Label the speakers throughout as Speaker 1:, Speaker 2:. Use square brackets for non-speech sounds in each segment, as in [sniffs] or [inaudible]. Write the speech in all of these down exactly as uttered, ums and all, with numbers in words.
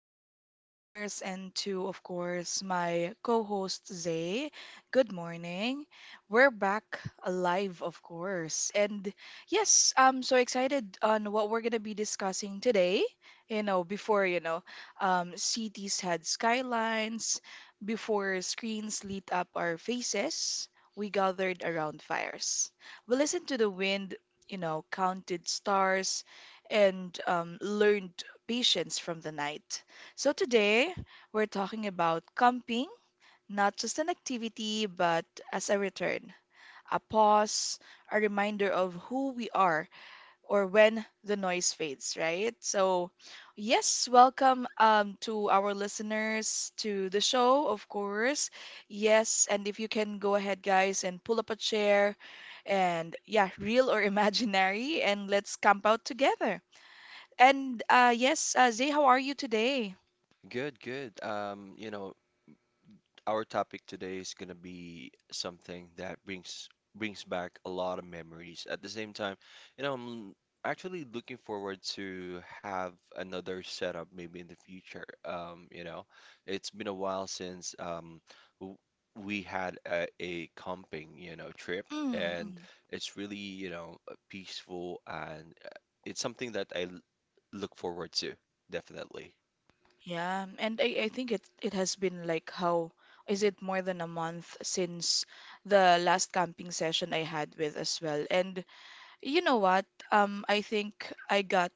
Speaker 1: our dear listeners, and to, of course, my co host Zay. Good morning. We're back alive, of course. And yes, I'm so excited on what we're going to be discussing today. You know, before, you know, um, cities had skylines, before screens lit up our faces, we gathered around fires. We listened to the wind, you know, counted stars and um, learned patience from the night. So, today we're talking about camping, not just an activity, but as a return, a pause, a reminder of who we are or when the noise fades, right? So, yes, welcome um, to our listeners to the show, of course. Yes, and if you can go ahead, guys, and pull up a chair and, yeah, [laughs] real or imaginary, and let's camp out together. And uh, yes, uh, Zay, how are you today?
Speaker 2: Good, good. Um, you know, our topic today is gonna be something that brings brings back a lot of memories. At the same time, you know, I'm actually looking forward to have another setup maybe in the future. Um, you know, it's been a while since um w we had a, a camping, you know, trip,
Speaker 1: Mm,
Speaker 2: and
Speaker 1: mm.
Speaker 2: it's really, you know, peaceful and uh, it's something that I l- look forward to, definitely.
Speaker 1: Yeah, and I, I think it it has been like how is it more than a month since the last camping session I had with as well. And you know what? Um, I think I got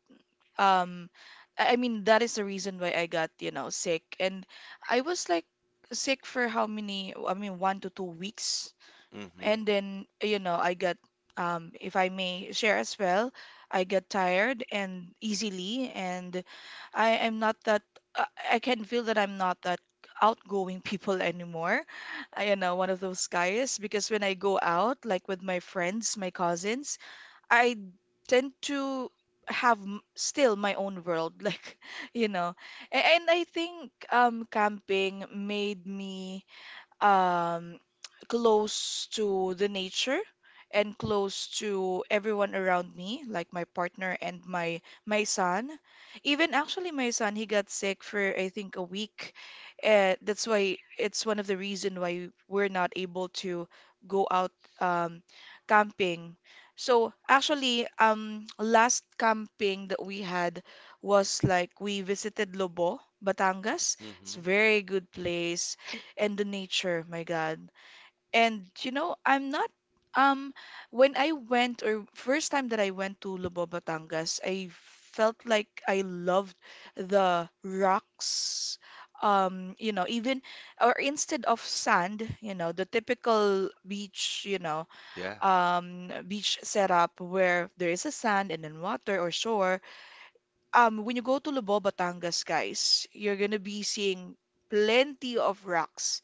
Speaker 1: um, I I mean that is the reason why I got, you know, sick. And I was like sick for how many? I mean, one to two weeks.
Speaker 2: Mm-hmm.
Speaker 1: And then you know I got um If I may share as well, I get tired and easily, and I am not that uh, I can feel that I'm not that outgoing people [laughs] anymore. I, you know one of those guys, because when I go out like with my friends, my cousins, I tend to have m- still my own world [laughs] like you know. A- and I think um camping made me um, close to the nature and close to everyone around me, like my partner and my my son. Even actually, my son, he got sick for I think a week. Uh, that's why it's one of the reason why we're not able to go out, um, camping. So actually, um, last camping that we had was like we visited Lobo, Batangas. It's
Speaker 2: Mm-hmm.
Speaker 1: a very good place, and the nature, my God. And you know, I'm not um when I went or first time that I went to Lubo, Batangas, I felt like I loved the rocks. Um, you know, even or instead of sand, you know, the typical beach, you know,
Speaker 2: Yeah.
Speaker 1: um, beach setup where there is a sand and then water or shore. Um, when you go to Lubo, Batangas, guys, you're gonna be seeing plenty of rocks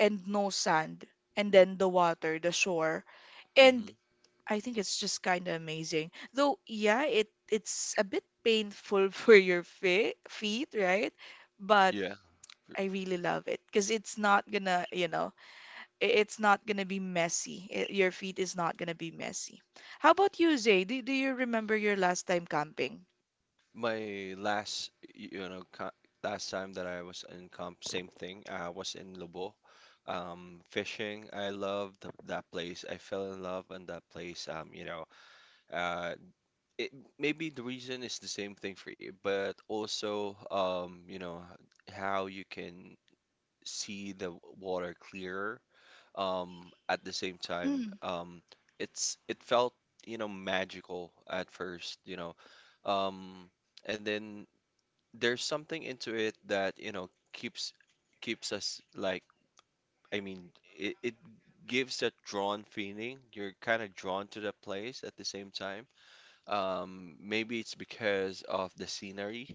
Speaker 1: and no sand and then the water, the shore, and
Speaker 2: Hmm.
Speaker 1: I think it's just kind of amazing. Though yeah, it it's a bit painful [laughs] for your fe feet, right? But
Speaker 2: Yeah.
Speaker 1: I really love it because it's not gonna you know, i- it's not gonna be messy. I- your feet is not gonna be messy. How about you, Zay? Do, do you remember your last time camping?
Speaker 2: My last, you know, co- last time that I was in comp, same thing. I was in Lobo, um, fishing. I loved th- that place. I fell in love in that place. Um, you know, uh, it maybe the reason is the same thing for you, but also, um, you know, how you can see the water clearer um at the same time
Speaker 1: Mm,
Speaker 2: um it's it felt, you know magical at first. you know um and then there's something into it that, you know keeps keeps us like, I mean it, it gives that drawn feeling. You're kind of drawn to that place. At the same time, um maybe it's because of the scenery,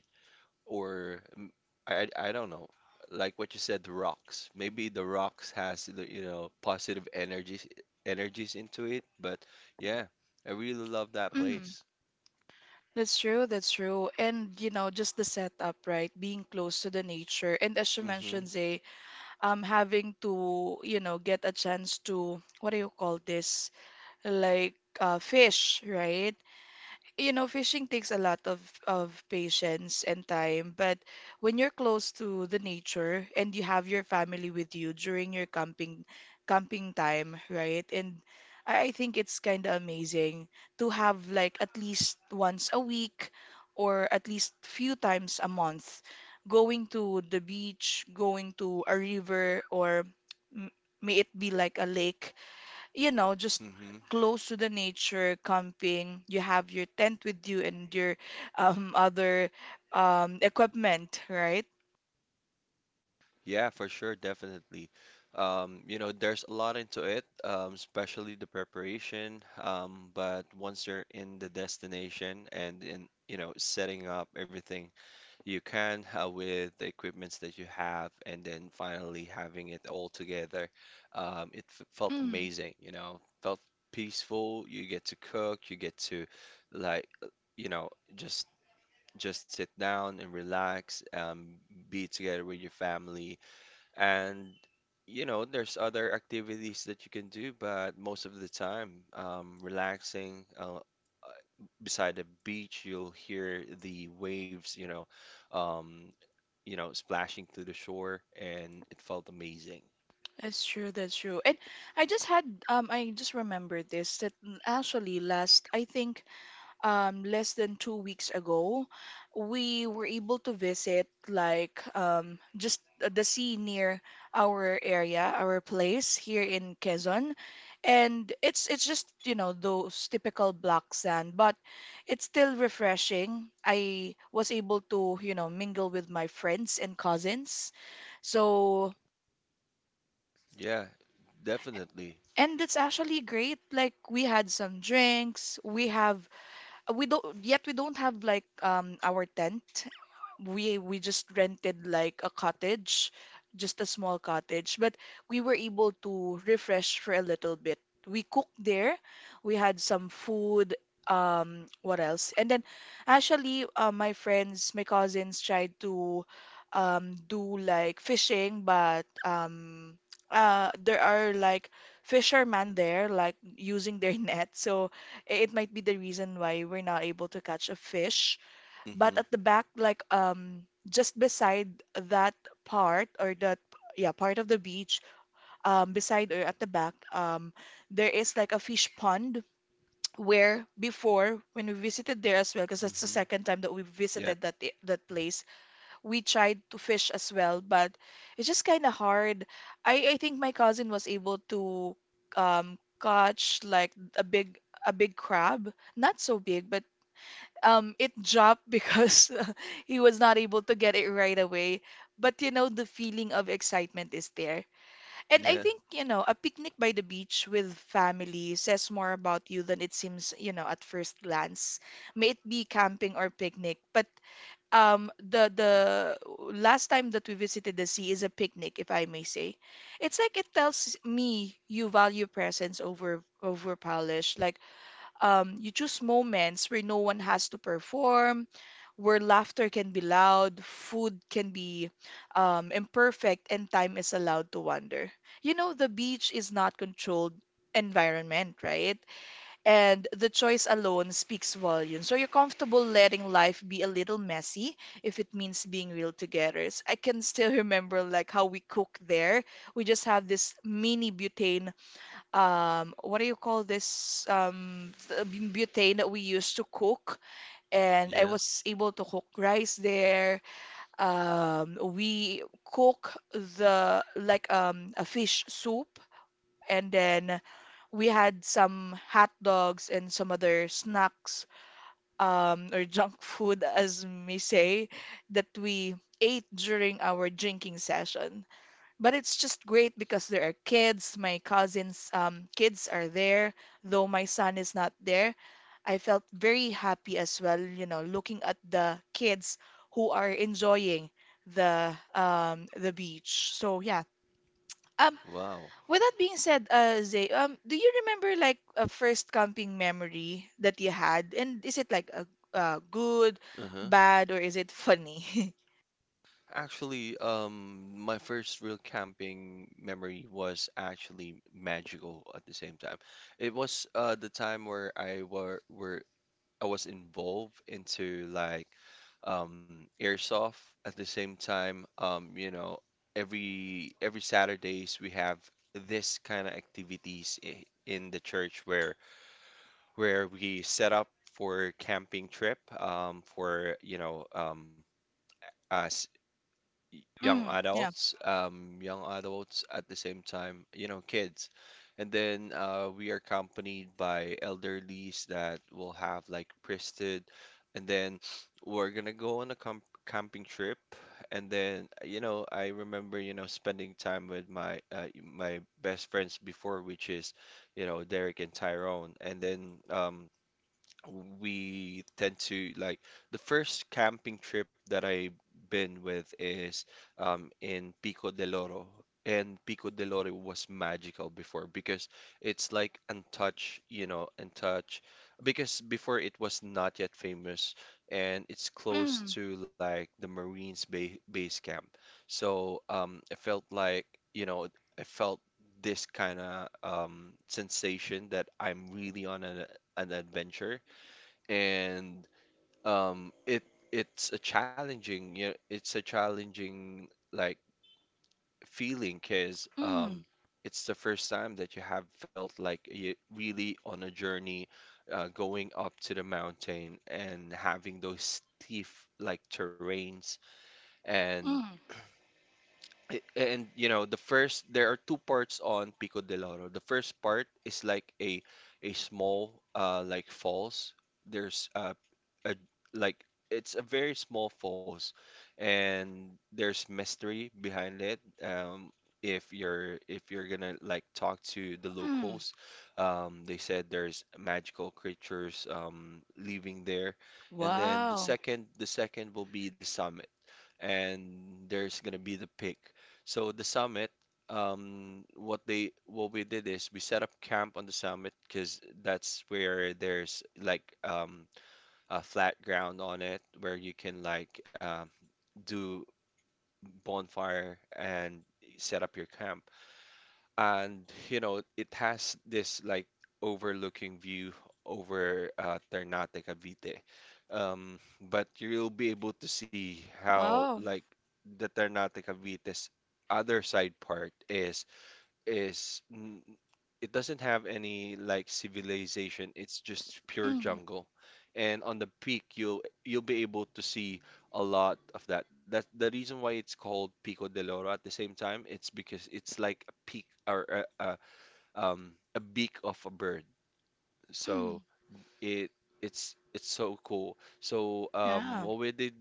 Speaker 2: or mm, I I don't know. Like what you said, the rocks. Maybe the rocks has the, you know positive energies energies into it. But yeah, I really love that
Speaker 1: mm.
Speaker 2: place.
Speaker 1: That's true, that's true. And you know, just the setup, right? Being close to the nature. And as you
Speaker 2: Mm-hmm.
Speaker 1: mentioned, Zay, I'm having to, you know, get a chance to, what do you call this? Like uh, fish, right? You know, fishing takes a lot of of patience and time, but when you're close to the nature and you have your family with you during your camping camping time, right? And I I think it's kind of amazing to have like at least once a week or at least few times a month, going to the beach, going to a river or m- may it be like a lake, you know, just
Speaker 2: Mm-hmm.
Speaker 1: close to the nature, camping. You have your tent with you and your um, other um, equipment, right?
Speaker 2: Yeah, for sure, definitely. Um, you know, there's a lot into it, um, especially the preparation. Um, but once you're in the destination and in, you know, setting up everything, you can, uh, with the equipments that you have, and then finally having it all together, um, it f felt
Speaker 1: Mm,
Speaker 2: amazing. You know, felt peaceful. You get to cook. You get to, like, uh, you know, just just sit down and relax. Um, be together with your family, and, you know, there's other activities that you can do, but most of the time, um, relaxing, uh, beside the beach, you'll hear the waves, you know, um, you know, splashing to the shore, and it felt amazing.
Speaker 1: that's true, that's true. And I just had um I just remembered this that actually last I think um, less than two weeks ago, we were able to visit like um, just the sea near our area, our place here in Quezon, and it's it's just you know those typical black sand, but it's still refreshing. I was able to you know mingle with my friends and cousins, so.
Speaker 2: Yeah, definitely.
Speaker 1: And it's actually great. Like we had some drinks, we have we don't yet we don't have like um our tent. We we just rented like a cottage, just a small cottage, but we were able to refresh for a little bit. We cooked there. We had some food. Um, what else? And then actually, uh, my friends, my cousins tried to um do like fishing, but um uh there are like fishermen there like using their [laughs] net. So it might be the reason why we're not able to catch a fish. But
Speaker 2: Mm-hmm.
Speaker 1: at the back, like um, just beside that part or that yeah part of the beach, um, beside or at the back, um, there is like a fish pond where before when we visited there as well, because that's the
Speaker 2: Mm-hmm.
Speaker 1: second time that we
Speaker 2: Yeah.
Speaker 1: visited that that place, we tried to fish as well, but it's just kind of hard. I I think my cousin was able to um catch like a big, a big crab, not so big, but um it dropped because [laughs] he was not able to get it right away. But you know, the feeling of excitement is there. And I
Speaker 2: Yeah.
Speaker 1: think, you know, a picnic by the beach with family says more about you than it seems, you know, at first glance. May it be camping or picnic, but um the the last time that we visited the sea is a picnic, if I may say. It's like it tells me you value presence over over polish. Like um you choose moments where no one has to perform, where laughter can be loud, food can be um imperfect, and time is allowed to wander. You know, the beach is not controlled environment, right? And the choice alone speaks volumes. So you're comfortable letting life be a little messy if it means being real together. So I can still [laughs] remember like how we cook there. We just have this mini butane. Um, what do you call this? Um, th- bu- butane that we used to cook, and I
Speaker 2: Yeah.
Speaker 1: was able to cook rice there. Um, we cook the like um a fish soup. And then we had some hot dogs and some other snacks, um, or [laughs] junk food, as may say, that we ate during our drinking session. But it's just great because there are kids. My cousins' um, kids are there, though my son is not there. I felt very happy as well, you know, looking at the kids who are enjoying the um, the beach. So yeah. Um,
Speaker 2: Wow.
Speaker 1: with that being said, uh, Zay, um, do you remember like a first camping memory that you had? And is it like a uh, good,
Speaker 2: Uh huh.
Speaker 1: bad, or is it funny? [laughs]
Speaker 2: Actually, um, my first real camping memory was actually magical at the same time. It was uh the time where I were were I was involved into like um airsoft at the same time. Um, you know, every every Saturdays we have this kind of activities i- in the church where where we set up for camping trip, um for, you know um us, y- young
Speaker 1: Mm, yeah.
Speaker 2: adults, um, young adults at the same time, you know, kids. And then, uh, we are accompanied by elderlies that will have like priested. And then we're gonna go on a camp camping trip. And then, you know, I remember, you know, spending time with my, uh, my best friends before, which is, you know, Derek and Tyrone. And then, um, we tend to like, the first camping trip that I've been with is, um, in Pico del Oro. And Pico del Oro was magical before because it's like untouched, you know, untouched. Because before it was not yet famous, and it's close
Speaker 1: Mm,
Speaker 2: to like the Marines ba base camp. So, um, I felt like, you know, I felt this kind of, um, sensation that I'm really on an, an adventure, and um it it's a challenging, you know, it's a challenging like feeling, because
Speaker 1: mm,
Speaker 2: um it's the first time that you have felt like you really on a journey, uh, going up to the mountain and having those steep like terrains. And
Speaker 1: mm,
Speaker 2: I- And, you know, the first, there are two parts on Pico de Loro. The first part is like a a small uh like falls. There's uh a like it's a very small falls, and there's mystery behind it. Um, if you're if you're gonna like talk to the
Speaker 1: mm.
Speaker 2: locals, um, they said there's magical creatures um living there. And then the
Speaker 1: Wow.
Speaker 2: second, the second will be the summit, and there's gonna be the pick. So the summit, um, what they what we did is we set up camp on the summit, because that's where there's like, um, a flat ground on it where you can like, um do bonfire and set up your camp. And, you know it has this like overlooking view over, uh, Ternate Cavite, um, but you'll be able to see how
Speaker 1: Wow.
Speaker 2: like the Ternate Cavite's other side part is is n- it doesn't have any like civilization. It's just pure
Speaker 1: Mm,
Speaker 2: jungle. And on the peak, you'll you'll be able to see a lot of that. That's the reason why it's called Pico del Oro at the same time. It's because it's like a peak, or a, a um a beak of a bird. So
Speaker 1: mm.
Speaker 2: it it's it's so cool. So, um,
Speaker 1: Yeah.
Speaker 2: what we did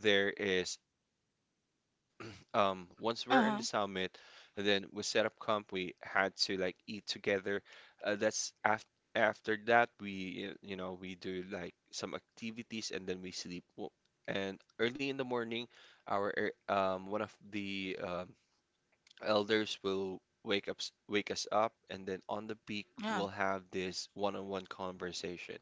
Speaker 2: there is [clears throat] um, once we're in the summit,
Speaker 1: Uh-huh.
Speaker 2: then we set up camp. We had to like eat together. Uh, that's after after that we, uh, you know we do like some activities, and then we sleep. Wo- And early in the morning, our air- um, one of the, um, Elders will wake up, wake us up, and then on the peak,
Speaker 1: Yeah.
Speaker 2: we'll have this one-on-one conversation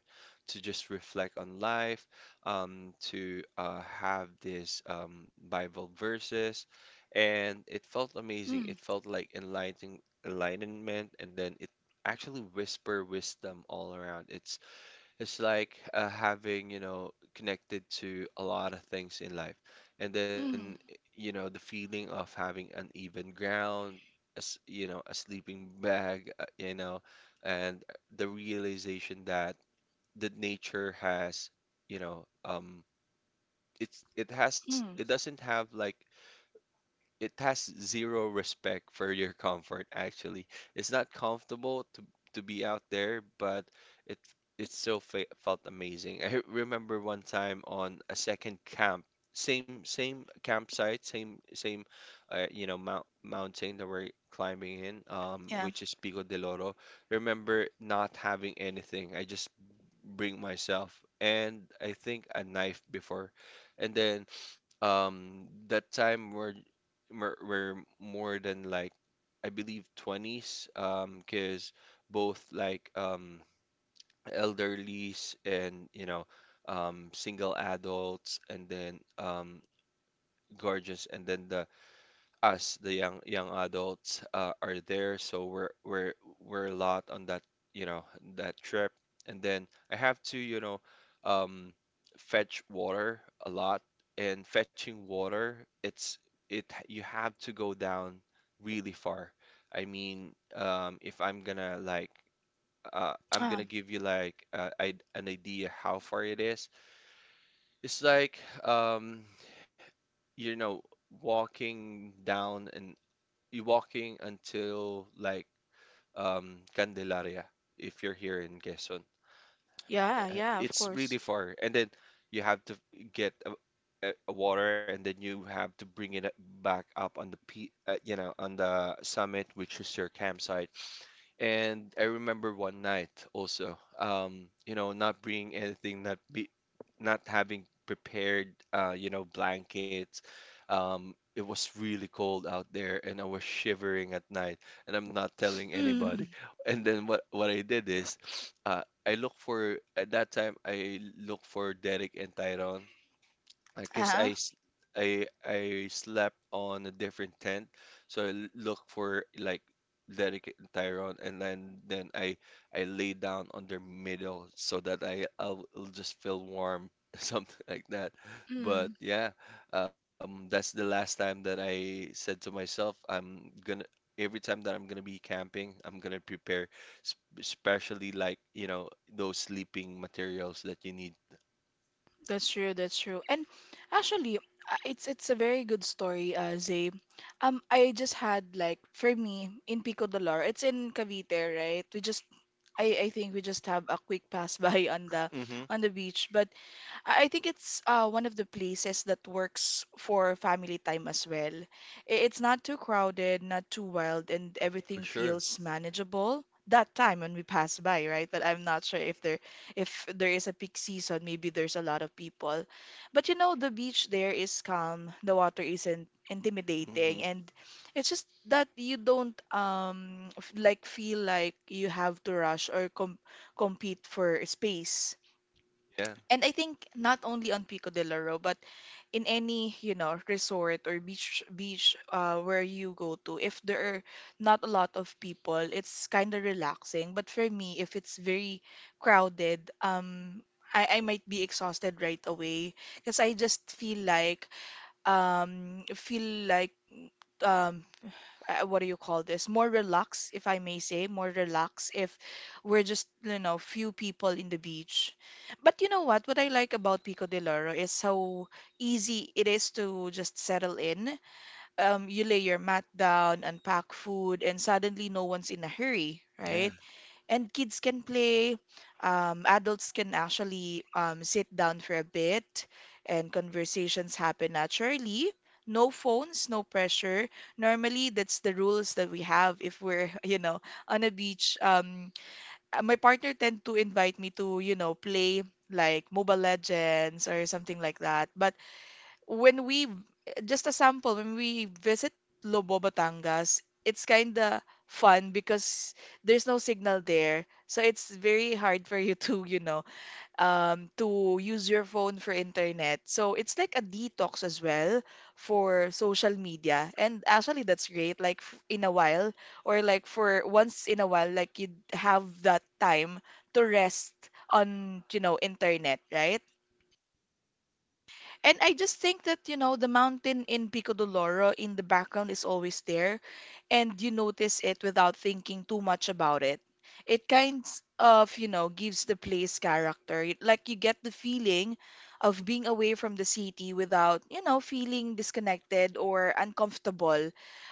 Speaker 2: to just reflect on life, um, to, uh, have this, um, Bible verses, and it felt amazing.
Speaker 1: Mm,
Speaker 2: It felt like enlightening enlightenment, and then it actually whisper wisdom all around. It's it's like, uh, having, you know, connected to a lot of things in life. And then, y-
Speaker 1: mm,
Speaker 2: you know, the feeling of having an even ground, as you know, a sleeping bag, uh, you know, and the realization that the nature has, you know, um, it's it has, it
Speaker 1: mm.
Speaker 2: doesn't have like it has zero respect for your comfort, actually. It's not comfortable to to be out there, but it it still fe felt amazing. I [laughs] remember one time on a second camp, same same campsite, same same uh, you know mount mountain that we're climbing in, um,
Speaker 1: Yeah.
Speaker 2: which is Pico del Oro. Remember not having anything. I just bring myself and I think a knife before, and then, um that time we're mer- were more than like I believe twenties, um 'cause both like, um elderlies and, you know um single adults, and then, um gorgeous, and then the us, the young young adults, uh, are there, so we're we're we're a lot on that, you know, that trip. And then I have to, you know, um, fetch water a lot. And fetching water, it's it you have to go down really far. I mean, um, if I'm gonna like, uh, I'm
Speaker 1: Uh,
Speaker 2: gonna give you like, uh, I an idea how far it is. It's like, um, you know, walking down an you walking until like, um Candelaria, if you're here in Quezon.
Speaker 1: yeah,
Speaker 2: Uh,
Speaker 1: yeah, of
Speaker 2: It's
Speaker 1: course.
Speaker 2: really far, and then you have to get a, a, a water, and then you have to bring it back up on the pe uh, you know on the summit, which is your campsite. And I remember one night also, um, you know, not bringing anything, not be, not having prepared, uh, you know, blankets. Um, it was really cold out there, and I was shivering at night, and I'm not telling
Speaker 1: Mm,
Speaker 2: anybody. And then what what I did is, uh, I look for at that time I look for Derek and Tyrone. I guess
Speaker 1: uh-huh.
Speaker 2: I, s- I I slept on a different tent, so I l- look for like dedicate Tyrone, and then then I I lay down on their middle so that I I'll, I'll just feel warm, [laughs] something like that. But yeah, um, that's the last time that I said to myself, I'm gonna, every time that I'm gonna be camping, I'm gonna prepare, s- especially like, you know, those sleeping materials that you need.
Speaker 1: That's true, that's true. And actually, uh, it's it's a very good story, uh, Zay. Um, I just had like for me in Pico de Lore, it's in Cavite, right? We just I I think we just have a quick pass [laughs] by on the
Speaker 2: Hmm.
Speaker 1: on the beach, but I I think it's uh, one of the places that works for family time as well. I- It's not too crowded, not too wild, and
Speaker 2: For
Speaker 1: everything
Speaker 2: sure.
Speaker 1: feels manageable. That time when we pass by, right? But I'm not sure if there, if there is a peak season, maybe there's a lot of people. But you know, the beach there is calm, the water isn't
Speaker 2: Mhm.
Speaker 1: intimidating, and it's just that you don't um f- like feel like you have to rush or com compete for space.
Speaker 2: Yeah,
Speaker 1: And I think not only on Pico de Loro, but in any, you know, resort or beach beach uh, where you go to, if there are not a lot of people, it's kind of relaxing. But for me, if it's very crowded, um, I, I might be exhausted right away because I just feel like um feel like um uh, what do you call this? More relaxed, if I may say, more relaxed if we're just, you know, few people in the beach. But you know what? What I like about Pico de Loro is how easy it is to just settle in. Um, you lay your mat down, unpack food, and suddenly no one's in a hurry,
Speaker 2: yeah,
Speaker 1: right? And kids can play. Um, adults can actually um, sit down for a bit, and conversations happen naturally. No phones, no pressure. Normally, that's the rules that we have if we're, [laughs] you know, on a beach. Um, uh, my partner tend to invite me to, you know, play like Mobile Legends or something like that. But when we just a sample when we visit Lobo Batangas, it's kind of fun because there's no signal there, so it's very hard for you [laughs] to you know um to use your phone for internet. So it's like a detox as well for social media. And actually that's great, like f- in a while, or like for once in a while, like you have that time to rest on you know internet, right? And I just think that, you know, the mountain in Pico de Loro in the background is always there, and you notice it without thinking too much about it. It kind of, you know, gives the place character. It- Like you get the feeling of being away from the city without, you know, feeling disconnected or uncomfortable.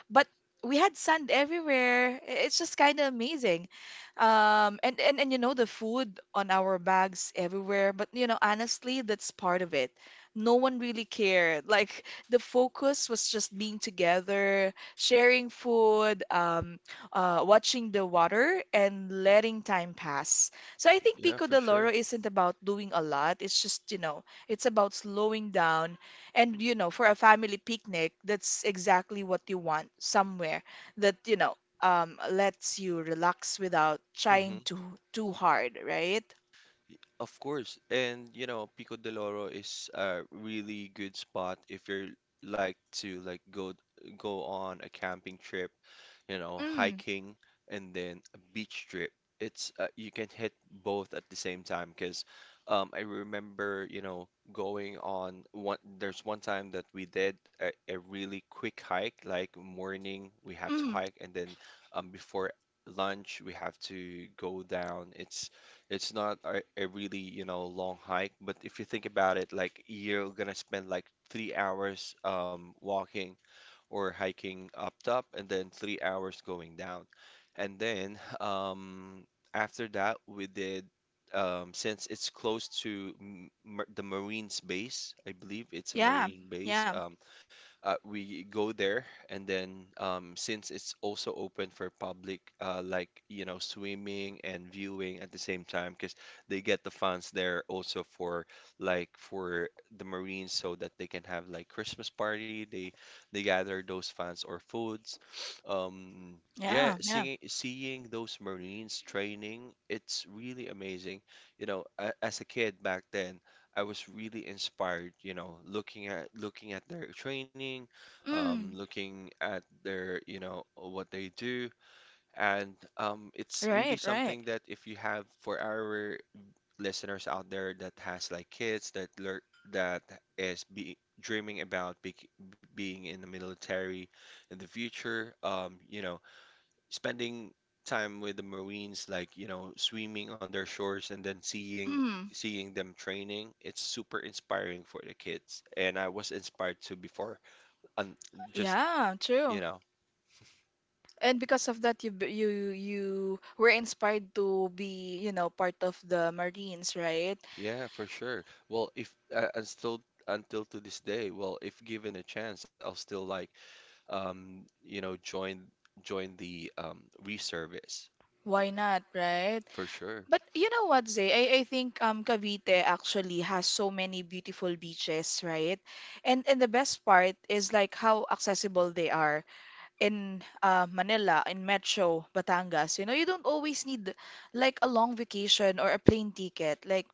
Speaker 1: But we had sand everywhere. I- It's just kind of amazing. Um, and, and, and, you know, the food on our bags everywhere. But, you know, honestly, that's part of it. No one really cared. Like the focus was just being together, sharing food, um, uh, watching the water, and letting time pass. So I think
Speaker 2: yeah,
Speaker 1: Pico
Speaker 2: for
Speaker 1: de
Speaker 2: sure.
Speaker 1: Loro isn't about doing a lot. It's just, you know, it's about slowing down. And, you know, for a family picnic, that's exactly what you want, somewhere that, you know, um, lets you relax without
Speaker 2: Hmm.
Speaker 1: trying to too hard, right?
Speaker 2: Of course. And, you know, Pico de Loro is a really good spot if you're like to like go go on a camping trip, you know,
Speaker 1: Mm,
Speaker 2: hiking, and then a beach trip. It's, uh, you can hit both at the same time, because, um, I remember, you know, going on one, there's one time that we did a, a really quick hike, like morning we have to
Speaker 1: mm,
Speaker 2: hike, and then, um, before lunch we have to go down. It's it's not a, a really, you know, long hike, but if you think about it, like you're gonna spend like three hours, um, walking or hiking up top, and then three hours going down. And then um, after that, we did, um, since it's close to m mar the Marines base, I believe it's a
Speaker 1: yeah,
Speaker 2: Marine base,
Speaker 1: yeah,
Speaker 2: um, uh, we go there and then um, since it's also open for public uh, like you know swimming and viewing at the same time, because they get the funds there also for like for the Marines, so that they can have like Christmas party. They they gather those funds or foods. um yeah,
Speaker 1: yeah, yeah.
Speaker 2: seeing seeing those Marines training, it's really amazing. You know, a, as a kid back then, I was really inspired, you know, looking at looking at their training, um,
Speaker 1: Mm,
Speaker 2: looking at their, you know, what they do, and um, it's really
Speaker 1: right, right.
Speaker 2: something that if you have for our listeners out there that has like kids that learn that is be dreaming about be, being in the military in the future, um, you know, spending time with the Marines, like, you know, swimming on their shores and then seeing
Speaker 1: Mm,
Speaker 2: seeing them training, it's super inspiring for the kids. And I was inspired to before, and just,
Speaker 1: yeah,
Speaker 2: you
Speaker 1: true.
Speaker 2: know,
Speaker 1: And because of that, you b- you, you were inspired to be, you know, part of the Marines, right?
Speaker 2: yeah, for sure. Well, if uh, and still until to this day, well, if given a chance, I'll still like um, you know, join join the um reservice
Speaker 1: Why not, right?
Speaker 2: for sure.
Speaker 1: But you know what, Zay? I, I think um Cavite actually has so many beautiful beaches, right? And and the best part is like how accessible they are in uh, Manila, in Metro, Batangas. You know, you don't always need like a long vacation or a plane ticket. Like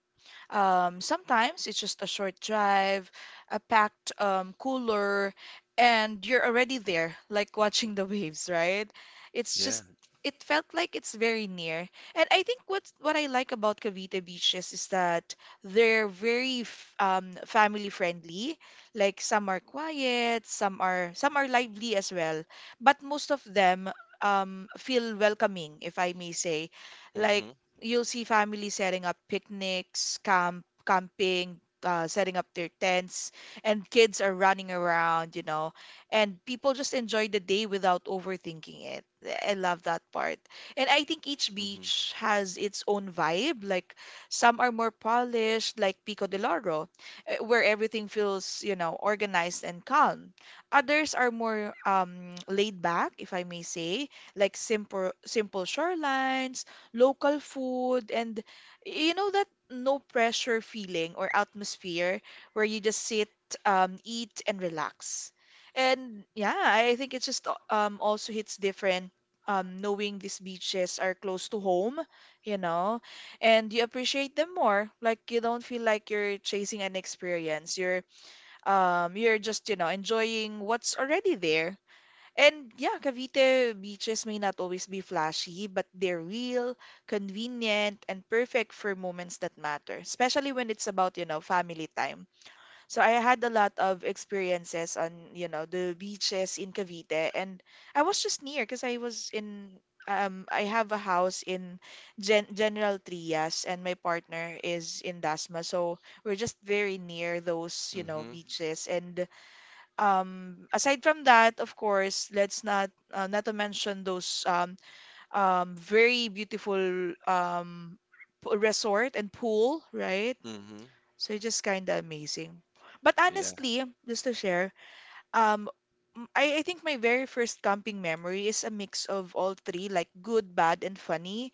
Speaker 1: Um, sometimes it's just a short drive, a packed um, cooler, and you're already there, like watching the [laughs] waves, right? It's just
Speaker 2: Yeah.
Speaker 1: it felt like it's very near. And I think what's what I like about Cavite beaches is that they're very f- um, family friendly. Like some are quiet, some are some are lively as well, but most of them um, feel welcoming, if I may say. Like
Speaker 2: Mm-hmm.
Speaker 1: you'll see families setting up picnics, camp, camping, uh, setting up their tents, and kids are running around, you know, and people just enjoy the day without overthinking it. I love that part. And I think each
Speaker 2: Mm-hmm.
Speaker 1: beach has its own vibe. Like some are more polished, like Pico de Loro, eh, where everything feels, you know, organized and calm. Others are more um, laid back, if I may say, like simple simple shorelines, local food, and you know, that no pressure feeling or atmosphere, where you just sit, um, eat and relax. And yeah, I think it just um also hits different um knowing these beaches are close to home, you know, and you appreciate them more. Like you don't feel like you're chasing an experience. You're um you're just, you know, enjoying what's already there. And yeah, Cavite beaches may not always be flashy, but they're real, convenient, and perfect for moments that matter, especially when it's about, you know, family time. So I had a lot of experiences on, you know, the beaches in Cavite, and I was just near because I was in um I have a house in Gen General Trias and my partner is in Dasma. So we're just very near those, you know,
Speaker 2: Mm-hmm.
Speaker 1: beaches. And um, aside from that, of course, let's not uh, not to mention those um, um, very beautiful um, p- resort and pool, right?
Speaker 2: Mm-hmm.
Speaker 1: So it's just kind of amazing. But
Speaker 2: Yeah,
Speaker 1: honestly, just to share, um, m- I, I think my very first camping memory is a mix of all three, like good, bad, and funny,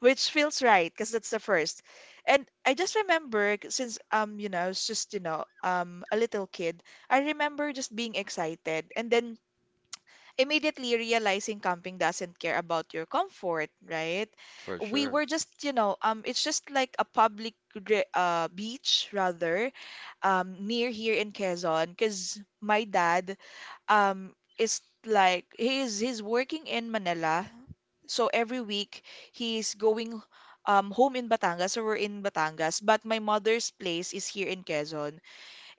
Speaker 1: which feels right because that's the first. And I just remember c- since um you know, I was just you know um a little kid, I remember just being excited and then immediately realizing camping doesn't care about your comfort, right?
Speaker 2: for
Speaker 1: We
Speaker 2: sure.
Speaker 1: were just you know um it's just like a public re- uh beach rather um near here in Quezon, because my dad um is like he is he's working in Manila. So every week he's going um home in Batangas, so we're in Batangas, but my mother's place is here in Quezon,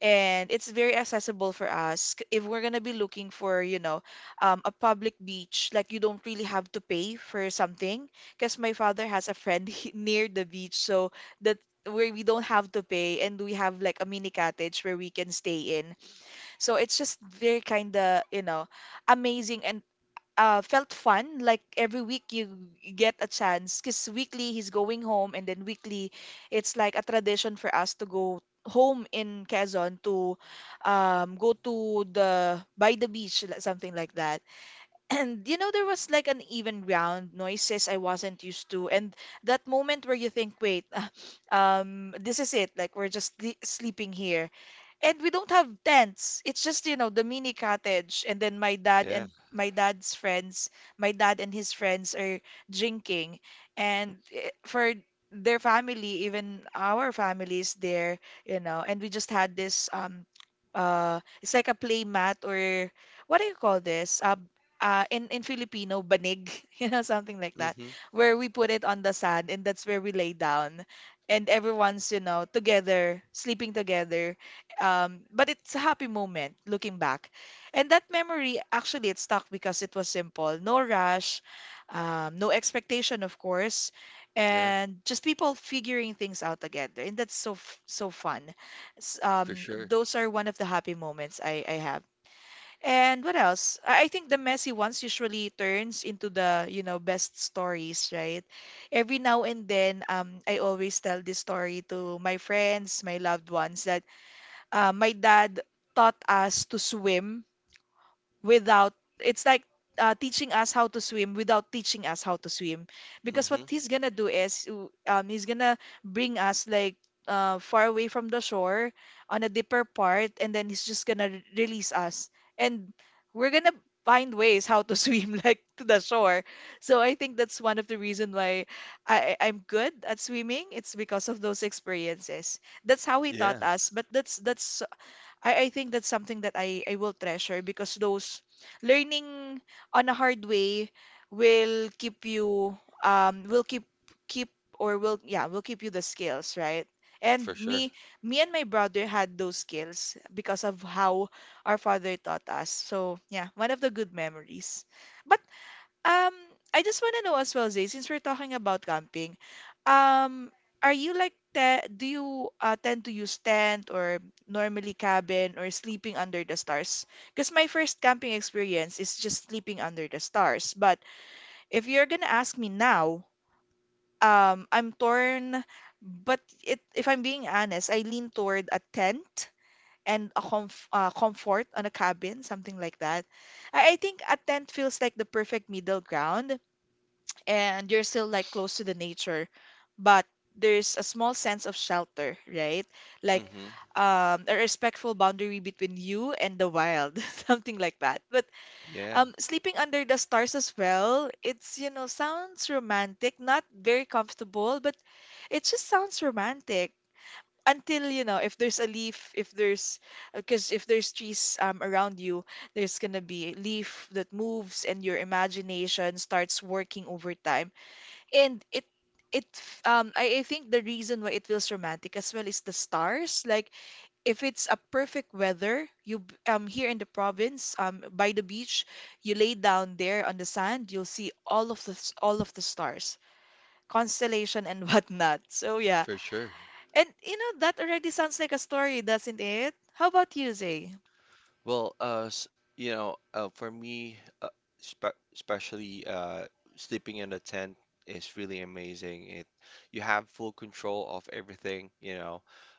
Speaker 1: and it's very accessible for us. K- If we're gonna be looking for, you know, um, a public beach, like you don't really have to pay for something, because my father has a friend [laughs] he- near the beach, so that where we don't have to pay, and we have like a mini cottage where we can stay in. So it's just very kind of, you know, amazing and uh, felt fun. Like every week you get a chance, because weekly he's going home, and then weekly it's like a tradition for us to go home in Quezon to um, go to the by the beach, li- something like that. [clears throat] And you know, there was like an even ground, noises I wasn't used to, and that moment where you think, wait, [laughs] um, this is it. Like we're just sle- sleeping here and we don't have tents. It's just, you know, the mini cottage. And then my dad
Speaker 2: Yeah.
Speaker 1: and my dad's friends, my dad and his friends are drinking. And eh, for their family, even our family is there, you know. And we just had this um uh it's like a play mat, or what do you call this? Uh, uh in in Filipino, banig, [laughs] you know, something like
Speaker 2: Mm-hmm.
Speaker 1: that, where we put it on the sand and that's where we lay down. And everyone's, you know, together, sleeping together, um, but it's a happy moment looking back. And that memory, actually, it stuck because it was simple. No rush, um, no expectation, of course,
Speaker 2: Yeah,
Speaker 1: and just people figuring things out together. And that's so, f- so fun. S-
Speaker 2: for
Speaker 1: Um,
Speaker 2: sure.
Speaker 1: those are one of the happy moments I, I have. And what else? I I think the messy ones usually turns into the, you know, best stories, right? Every now and then, um, I always tell this story to my friends, my loved ones, that uh, my dad taught us to swim without, it's like uh, teaching us how to swim without teaching us how to swim. Because what
Speaker 2: Hmm.
Speaker 1: he's gonna do is w- um, he's gonna bring us like uh, far away from the shore on a deeper part, and then he's just gonna re- release us. And we're gonna find ways how to [laughs] swim, like to the shore. So I think that's one of the reason why I, I- I'm good at swimming. It's because of those experiences. That's how he taught
Speaker 2: Yeah,
Speaker 1: us, but that's that's I, I think that's something that I, I will treasure, because those learning on a hard way will keep you um will keep keep or will yeah will keep you the skills, right? and
Speaker 2: for sure.
Speaker 1: me me and my brother had those skills because of how our father taught us. So yeah, one of the good memories. But um, I just want to know as well, Zay, since we're talking about camping, um, are you like te do you uh, tend to use tent, or normally cabin, or sleeping under the stars? Because my first camping experience is just sleeping under the stars. But if you're gonna ask me now, um, I'm torn. But it, if I'm being honest, I lean toward a tent and a comf uh, comfort on a cabin, something like that. I, I think a tent feels like the perfect middle ground, and you're still like close to the nature, but there's a small sense of shelter, right? Like
Speaker 2: Hmm.
Speaker 1: um, a respectful boundary between you and the wild, [laughs] something like that. But
Speaker 2: Yeah,
Speaker 1: um, sleeping under the stars as well, it's, you know, sounds romantic, not very comfortable, but it just sounds romantic. Until, you know, if there's a leaf, if there's, because if there's trees um, around you, there's gonna be a leaf that moves and your imagination starts working over time. And it it um I, I think the reason why it feels romantic as well is the stars. Like if it's a perfect weather, you b- um here in the province, um by the beach, you lay down there on the sand, you'll see all of the s- all of the stars, constellation and [laughs] whatnot. So yeah.
Speaker 2: for sure.
Speaker 1: And you know that already sounds like a story, doesn't it? How about you, Zay?
Speaker 2: Well, uh, s- you know, uh, for me, uh, spe especially uh, sleeping in a tent is really amazing. It You have full control of everything, you know.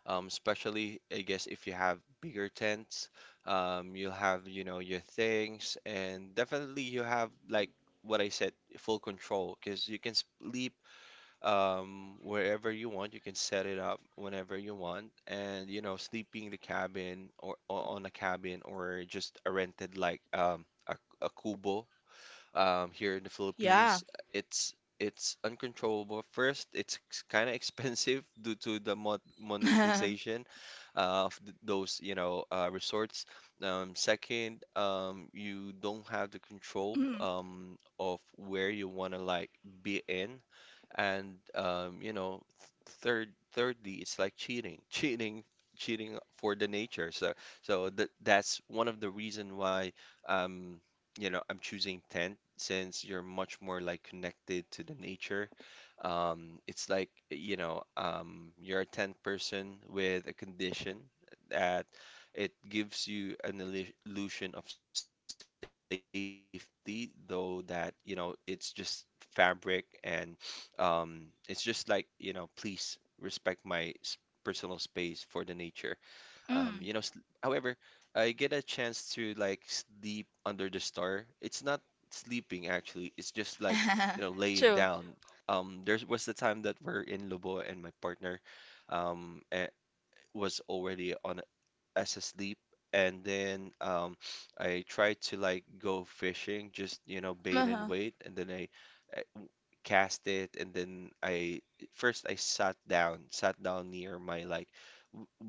Speaker 2: Um, especially, I guess, if you have bigger tents, um, you'll have, you know, your things, and definitely you have, like what I said, full control, because you can sleep um, wherever you want. You can set it up whenever you want. And, you know, sleeping the cabin or o- on a cabin, or just a rented like um, a, a kubo um, here in the
Speaker 1: Yeah.
Speaker 2: Philippines. It's it's uncontrollable. First, it's [laughs] kind of expensive [laughs] due to the mo
Speaker 1: [laughs]
Speaker 2: monetization uh, of th those, you know, uh, resorts. Um, second, um, you don't have the control
Speaker 1: Mm,
Speaker 2: um, of where you want to like be in. And um, you know, th third, thirdly, it's like cheating, [laughs] cheating, cheating for the nature. So, so that that's one of the reason why um, you know, I'm choosing tent, since you're much more like connected to the nature. Um, it's like, you know, um, you're a tent person with a condition that it gives you an illu- illusion of safety, though that, you know, it's just fabric. And um, it's just like, you know, please respect my s- personal space for the nature. Um, you know, sl-
Speaker 1: mm.
Speaker 2: however, I get a chance to like sleep under the star. It's not sleeping actually, it's just like, you know, laying
Speaker 1: [laughs]
Speaker 2: down.
Speaker 1: True.
Speaker 2: Um, there was the time that we're in Lubo and my partner um eh, was already on as asleep, and then um I tried to like go fishing, just, you know, bait and
Speaker 1: Uh-huh.
Speaker 2: wait. And then I uh, cast it. And then I first I sat down, sat down near my like,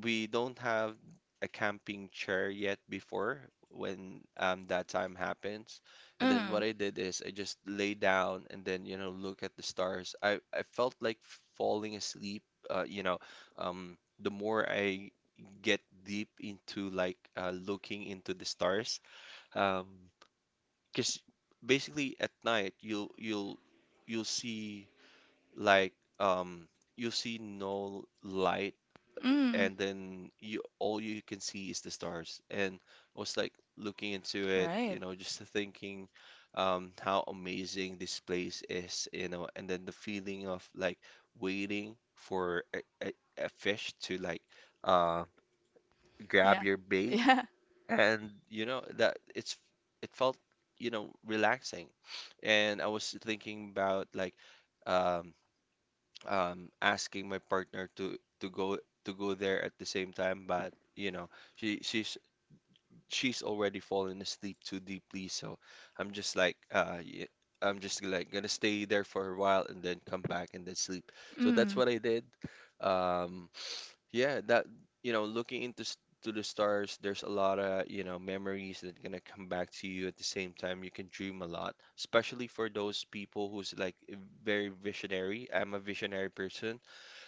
Speaker 2: we don't have a camping chair yet before when um, that time happens. And then what
Speaker 1: Mm,
Speaker 2: I did is I just lay down and then, you know, look at the stars. I, I felt like falling asleep, uh, you know, um, the more I get deep into like uh, looking into the stars, um, because basically at night, you'll you'll you'll see like um you'll see no light,
Speaker 1: mm.
Speaker 2: and then you all you can see is the stars. And I was like looking into it, you
Speaker 1: Right.
Speaker 2: know, just thinking um, how amazing this place is. You know, and then the feeling of like waiting for a, a, a fish to like uh,
Speaker 1: Yeah.
Speaker 2: grab your bait,
Speaker 1: [laughs]
Speaker 2: and you know that it's it felt, you know, relaxing. And I was thinking about, like, Um, um asking my partner to to go to go there at the same time. But you know, she she's she's already fallen asleep too deeply, so I'm just like uh y- I'm just like gonna stay there for a while and then come back and then sleep. So that's
Speaker 1: Mm,
Speaker 2: what I did. Um [sniffs] yeah, that you know, looking into s- to the stars, there's a lot of, you know, memories that gonna come back to you. At the same time, you can dream a lot, especially for those people who's like eh, very visionary. I'm a visionary person,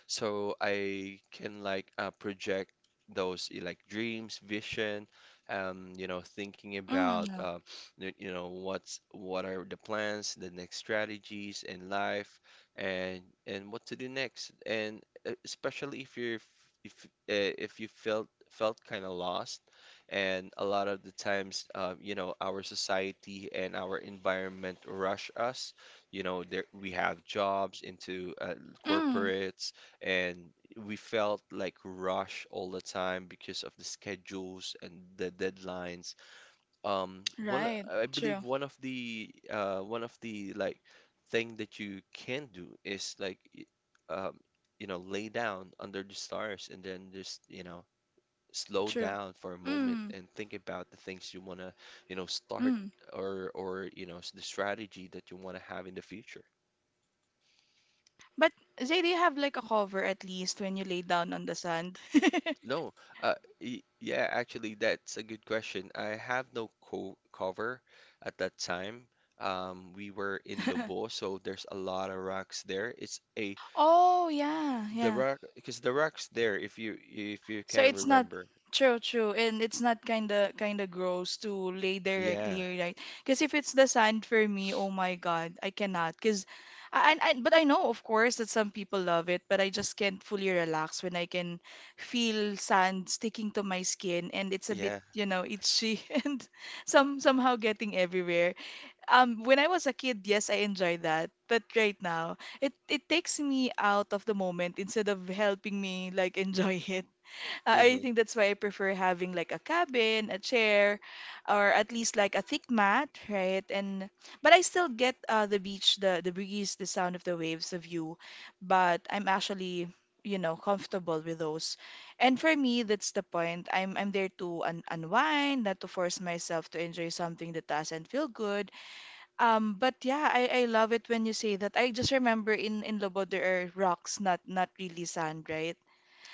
Speaker 2: so I can like uh, project those eh, like dreams, vision, um, you know, thinking about
Speaker 1: mm,
Speaker 2: uh, you you know what's what are the plans, the next strategies in life, and and what to do next. And uh, especially if you're f- if uh, if you felt felt kind of lost. And a lot of the times, uh, you know, our society and our environment rush us. You know, there, we have jobs into uh,
Speaker 1: mm.
Speaker 2: corporates, and we felt like rush all the time because of the schedules and the deadlines. Um, one
Speaker 1: Right.
Speaker 2: I believe
Speaker 1: True.
Speaker 2: one of the uh, one of the like thing that you can do is like y- um, you know, lay down under the stars and then just, you know, slow
Speaker 1: True.
Speaker 2: down for a moment
Speaker 1: Mm,
Speaker 2: and think about the things you want to, you know, start.
Speaker 1: mm.
Speaker 2: Or or, you know, s- the strategy that you want to have in the future.
Speaker 1: But Zay, do you have like a cover at least when you lay down on the sand? [laughs]
Speaker 2: No, uh, y yeah, actually, that's a good question. I have no co cover at that time. Um, we were in Lobo, so there's a lot of rocks there. It's a
Speaker 1: Oh, yeah,
Speaker 2: The
Speaker 1: yeah.
Speaker 2: rock, because the rocks there, if you if you
Speaker 1: So
Speaker 2: can
Speaker 1: it's not
Speaker 2: remember,
Speaker 1: true, true, and it's not kinda kinda gross to lay directly,
Speaker 2: yeah,
Speaker 1: right? Because if it's the sand for me, oh my God, I cannot. Because I, I, I- but I know, of course, that some people love it, but I just can't fully relax when I can feel sand sticking to my skin, and it's a bit,
Speaker 2: yeah.
Speaker 1: you know, itchy [laughs] and some somehow getting everywhere. Um, when I was a kid, yes, I enjoyed that, but right now, it it takes me out of the moment instead of helping me like [laughs] enjoy it. Uh, I
Speaker 2: Hmm.
Speaker 1: think that's why I prefer having like a cabin, a chair, or at least like a thick mat, right? And but I still get uh, the beach, the the breeze, the sound of the waves, the view. But I'm actually, you know, comfortable with those. And for me, that's the point. I'm I'm there to un unwind, not to force myself to enjoy something that doesn't feel good. Um, but yeah, I, I love it when you say that. I just remember in in Lobo there are rocks, not not really sand, right?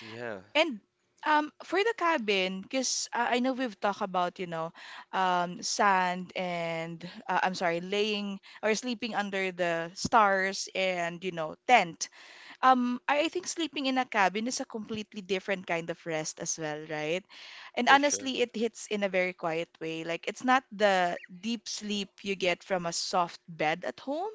Speaker 2: Yeah,
Speaker 1: And um, for the cabin, because uh, I know we've talked about, you know, um, sand and uh, I'm sorry, laying or sleeping under the stars and, you know, tent. Um, I, I think sleeping in a cabin is a completely different kind of rest as well, right? And
Speaker 2: for sure.
Speaker 1: honestly, it hits in a very quiet way. Like, it's not the deep sleep you get from a soft bed at home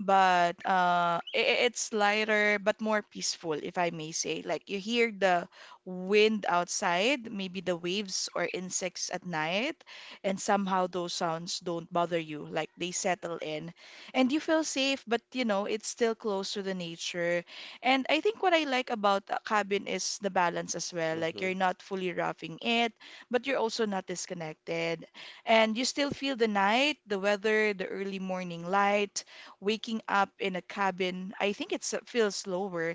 Speaker 1: but uh, i- it's lighter but more peaceful, if I may say. Like you hear the wind outside, maybe the waves or insects at night, and somehow those sounds don't bother you, like they settle in. And you feel safe, but you know, it's still close to the nature. And I think what I like about a cabin is the balance as well. Like
Speaker 2: Hmm.
Speaker 1: you're not fully roughing it, but you're also not disconnected. And you still feel the night, the weather, the early morning light, waking up in a cabin, I think it's uh, feels lower.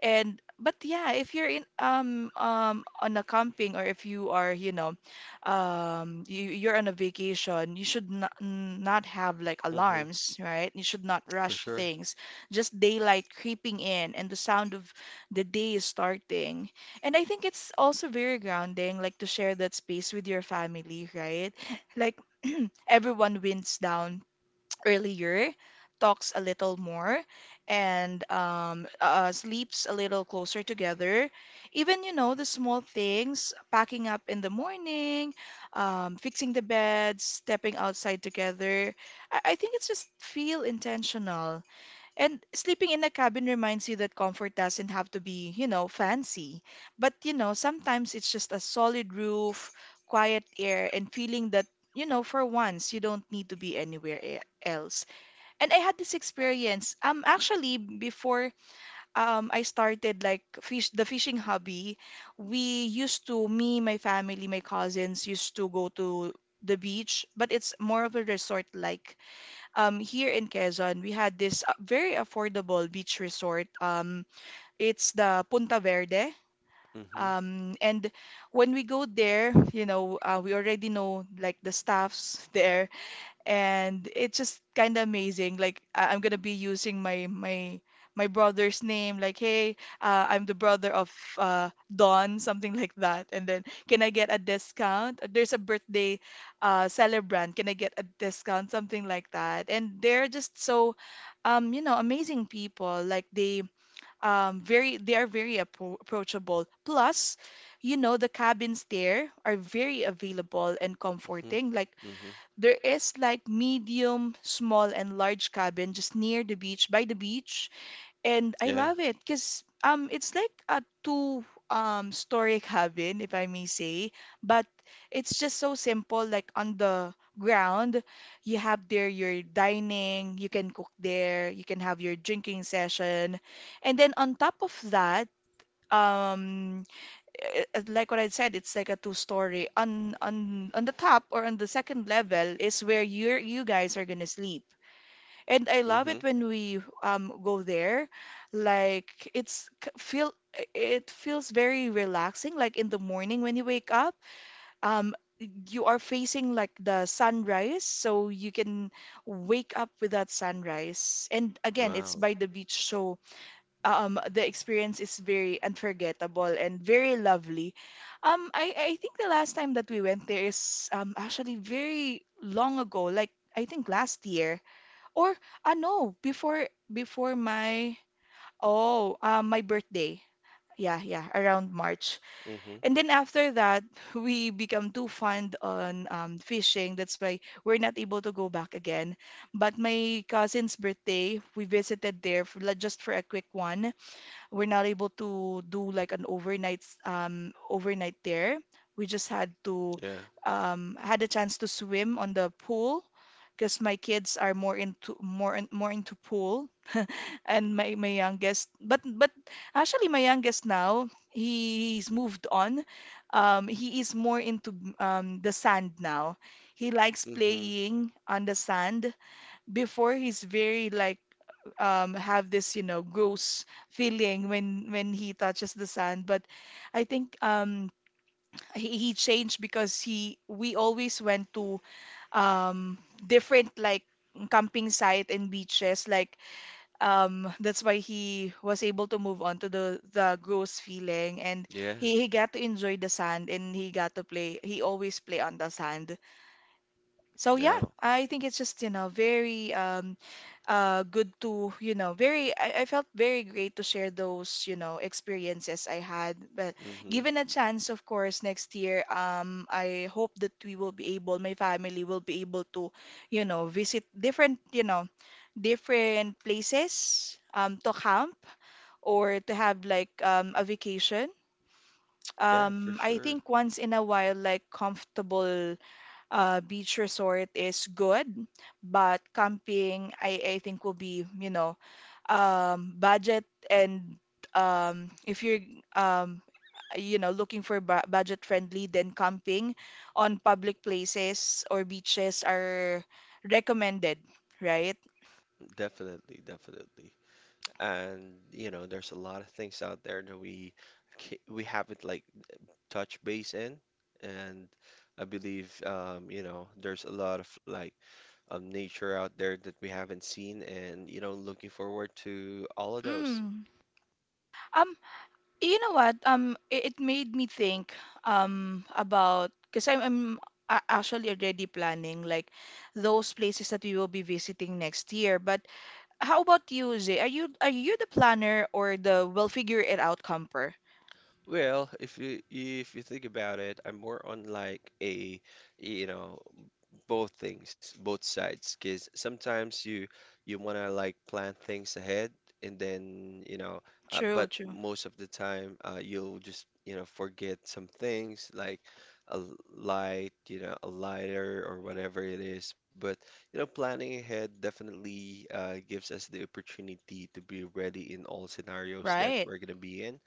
Speaker 1: And but yeah, if you're in um um on a camping or if you are, you know, um you, you're on a vacation, you should not, not have like
Speaker 2: Hmm.
Speaker 1: alarms, right? You should not
Speaker 2: For
Speaker 1: rush
Speaker 2: sure.
Speaker 1: things. Just daylight creeping in and the sound of the day is starting. And I think it's also very grounding, like to share that space with your family, right? Like [clears throat] everyone winds down earlier, talks a little more, and um, uh, sleeps a little closer together. Even, you know, the small things, packing up in the morning, um, fixing the beds, stepping outside together. I, I think it's just feel intentional. And sleeping in a cabin reminds you that comfort doesn't have to be, you know, fancy. But, you know, sometimes it's just a solid roof, quiet air, and feeling that, you know, for once you don't need to be anywhere e- else. And I had this experience um actually before um I started like fish the fishing hobby, we used to me, my family, my cousins used to go to the beach, but it's more of a resort like um, here in Quezon, we had this uh, very affordable beach resort. Um, it's the Punta Verde.
Speaker 2: Hmm.
Speaker 1: Um, and when we go there, you know, uh, we already know like the staffs there and it's just kind of amazing. Like I- I'm gonna be using my my my brother's name. Like, hey, uh, I'm the brother of uh, Don, [laughs] something like that. And then, can I get a discount? Uh, There's a birthday uh, celebrant. Can I get a discount? Something like that. And they're just so, um, you know, amazing people. Like they um very they are very appro approachable. Plus, you know, the cabins there are very available and comforting. Like
Speaker 2: Hmm. Hmm.
Speaker 1: there is like medium, small, and large cabin just near the beach, by the beach, and I
Speaker 2: Yeah.
Speaker 1: love it because um it's like a two um story [laughs] cabin, if I may say, but it's just so simple. Like on the ground, you have there your dining, you can cook there, you can have your drinking session, and then on top of that, um eh, eh, like what I said, it's like a two-story. On on on the top or on the second level is where you you guys are gonna sleep. And I love
Speaker 2: Hmm.
Speaker 1: it when we um go there. Like it's k- feel it feels very relaxing. Like in the morning when you wake up, um, you are facing like the sunrise, so you can wake up with that sunrise. And again, it's
Speaker 2: Wow.
Speaker 1: by the beach, so um the experience is very unforgettable and very lovely. Um I I think the last time that we went there is um actually very long ago, like I think last year or uh, no, before before my oh, um my birthday. Yeah, yeah, around March.
Speaker 2: Mm-hmm.
Speaker 1: And then after that, [laughs] we become too fond on um, fishing. That's why we're not able to go back again. But my cousin's birthday, we visited there for, like, just for a quick one we're not able to do like an overnight s- um overnight there. We just had to
Speaker 2: Yeah.
Speaker 1: um had a chance to swim on the pool because my kids are more into more in- more into pool and my my youngest but but actually my youngest now he, he's moved on. Um he is more into um the sand now. He likes
Speaker 2: Mm-hmm.
Speaker 1: playing on the sand. Before he's very like um, have this, you know, gross feeling when when he touches the sand. But I think um, he, he changed because he we always went to um, different like camping site and beaches. Like um, that's why he was able to move on to the the gross feeling, and
Speaker 2: Yeah.
Speaker 1: he he got to enjoy the sand and he got to play. He always play on the sand. So yeah,
Speaker 2: Yeah.
Speaker 1: I think it's just you know very um uh good to you know very I, I felt very great to share those you know experiences I had but
Speaker 2: Mm-hmm.
Speaker 1: given a chance of course next year um I hope that we will be able my family will be able to you know visit different you know different places um to camp or to have like um a vacation
Speaker 2: Yeah, for
Speaker 1: um I
Speaker 2: sure.
Speaker 1: think once in a while like comfortable uh, beach resort is good, but camping, I, I think will be, you know, um, budget and um, if you're um, you know looking for bu- budget friendly, then camping on public places or beaches are recommended, right?
Speaker 2: Definitely, definitely. And you know, there's a lot of things out there that we ca- we haven't like touched base in, and I believe um, you know, there's a lot of like um nature out there that we haven't seen, and, you know, looking forward to all of those.
Speaker 1: Mm. Um, You know what? Um, it, it made me think um about because I'm, I'm a- actually already planning like those places that we will be visiting next year. But how about you, Zay? Are you are you the planner or the we'll figure it out camper?
Speaker 2: Well, if you if you think about it, I'm more on like a, you know, both things, both sides. Because sometimes you you wanna like plan things ahead, and then, you know, uh,
Speaker 1: True,
Speaker 2: but
Speaker 1: true.
Speaker 2: most of the time uh, you'll just, you know, forget some things, like a l- light, you know, a lighter or whatever it is. But you know, planning ahead definitely uh, gives us the opportunity to be ready in all scenarios that
Speaker 1: Right.
Speaker 2: we're gonna be in.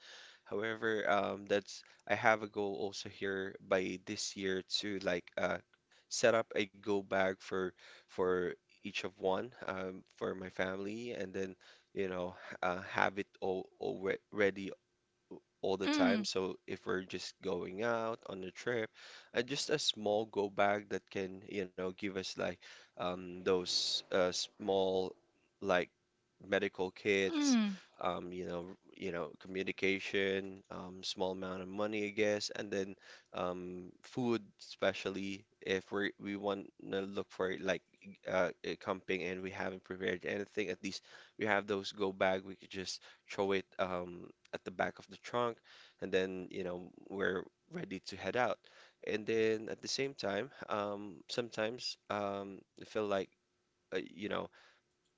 Speaker 2: However, um, that's I have a goal also here by this year to like uh, set up a go bag for for each of one um, for my family, and then, you know, uh, have it all, all re- ready all the time.
Speaker 1: Mm,
Speaker 2: So if we're just going out on a trip, uh, just a small go bag that can, you know, give us like um, those uh, small like medical kits,
Speaker 1: mm,
Speaker 2: um, you know, you know, communication, um, small amount of money, I guess, and then um, food, especially if we we want to look for like uh, uh, camping and we haven't prepared anything. At least we have those go bag, we could just throw it Um, at the back of the trunk, and then, you know, we're ready to head out. And then at the same time, um, sometimes um, I feel like, uh, you know,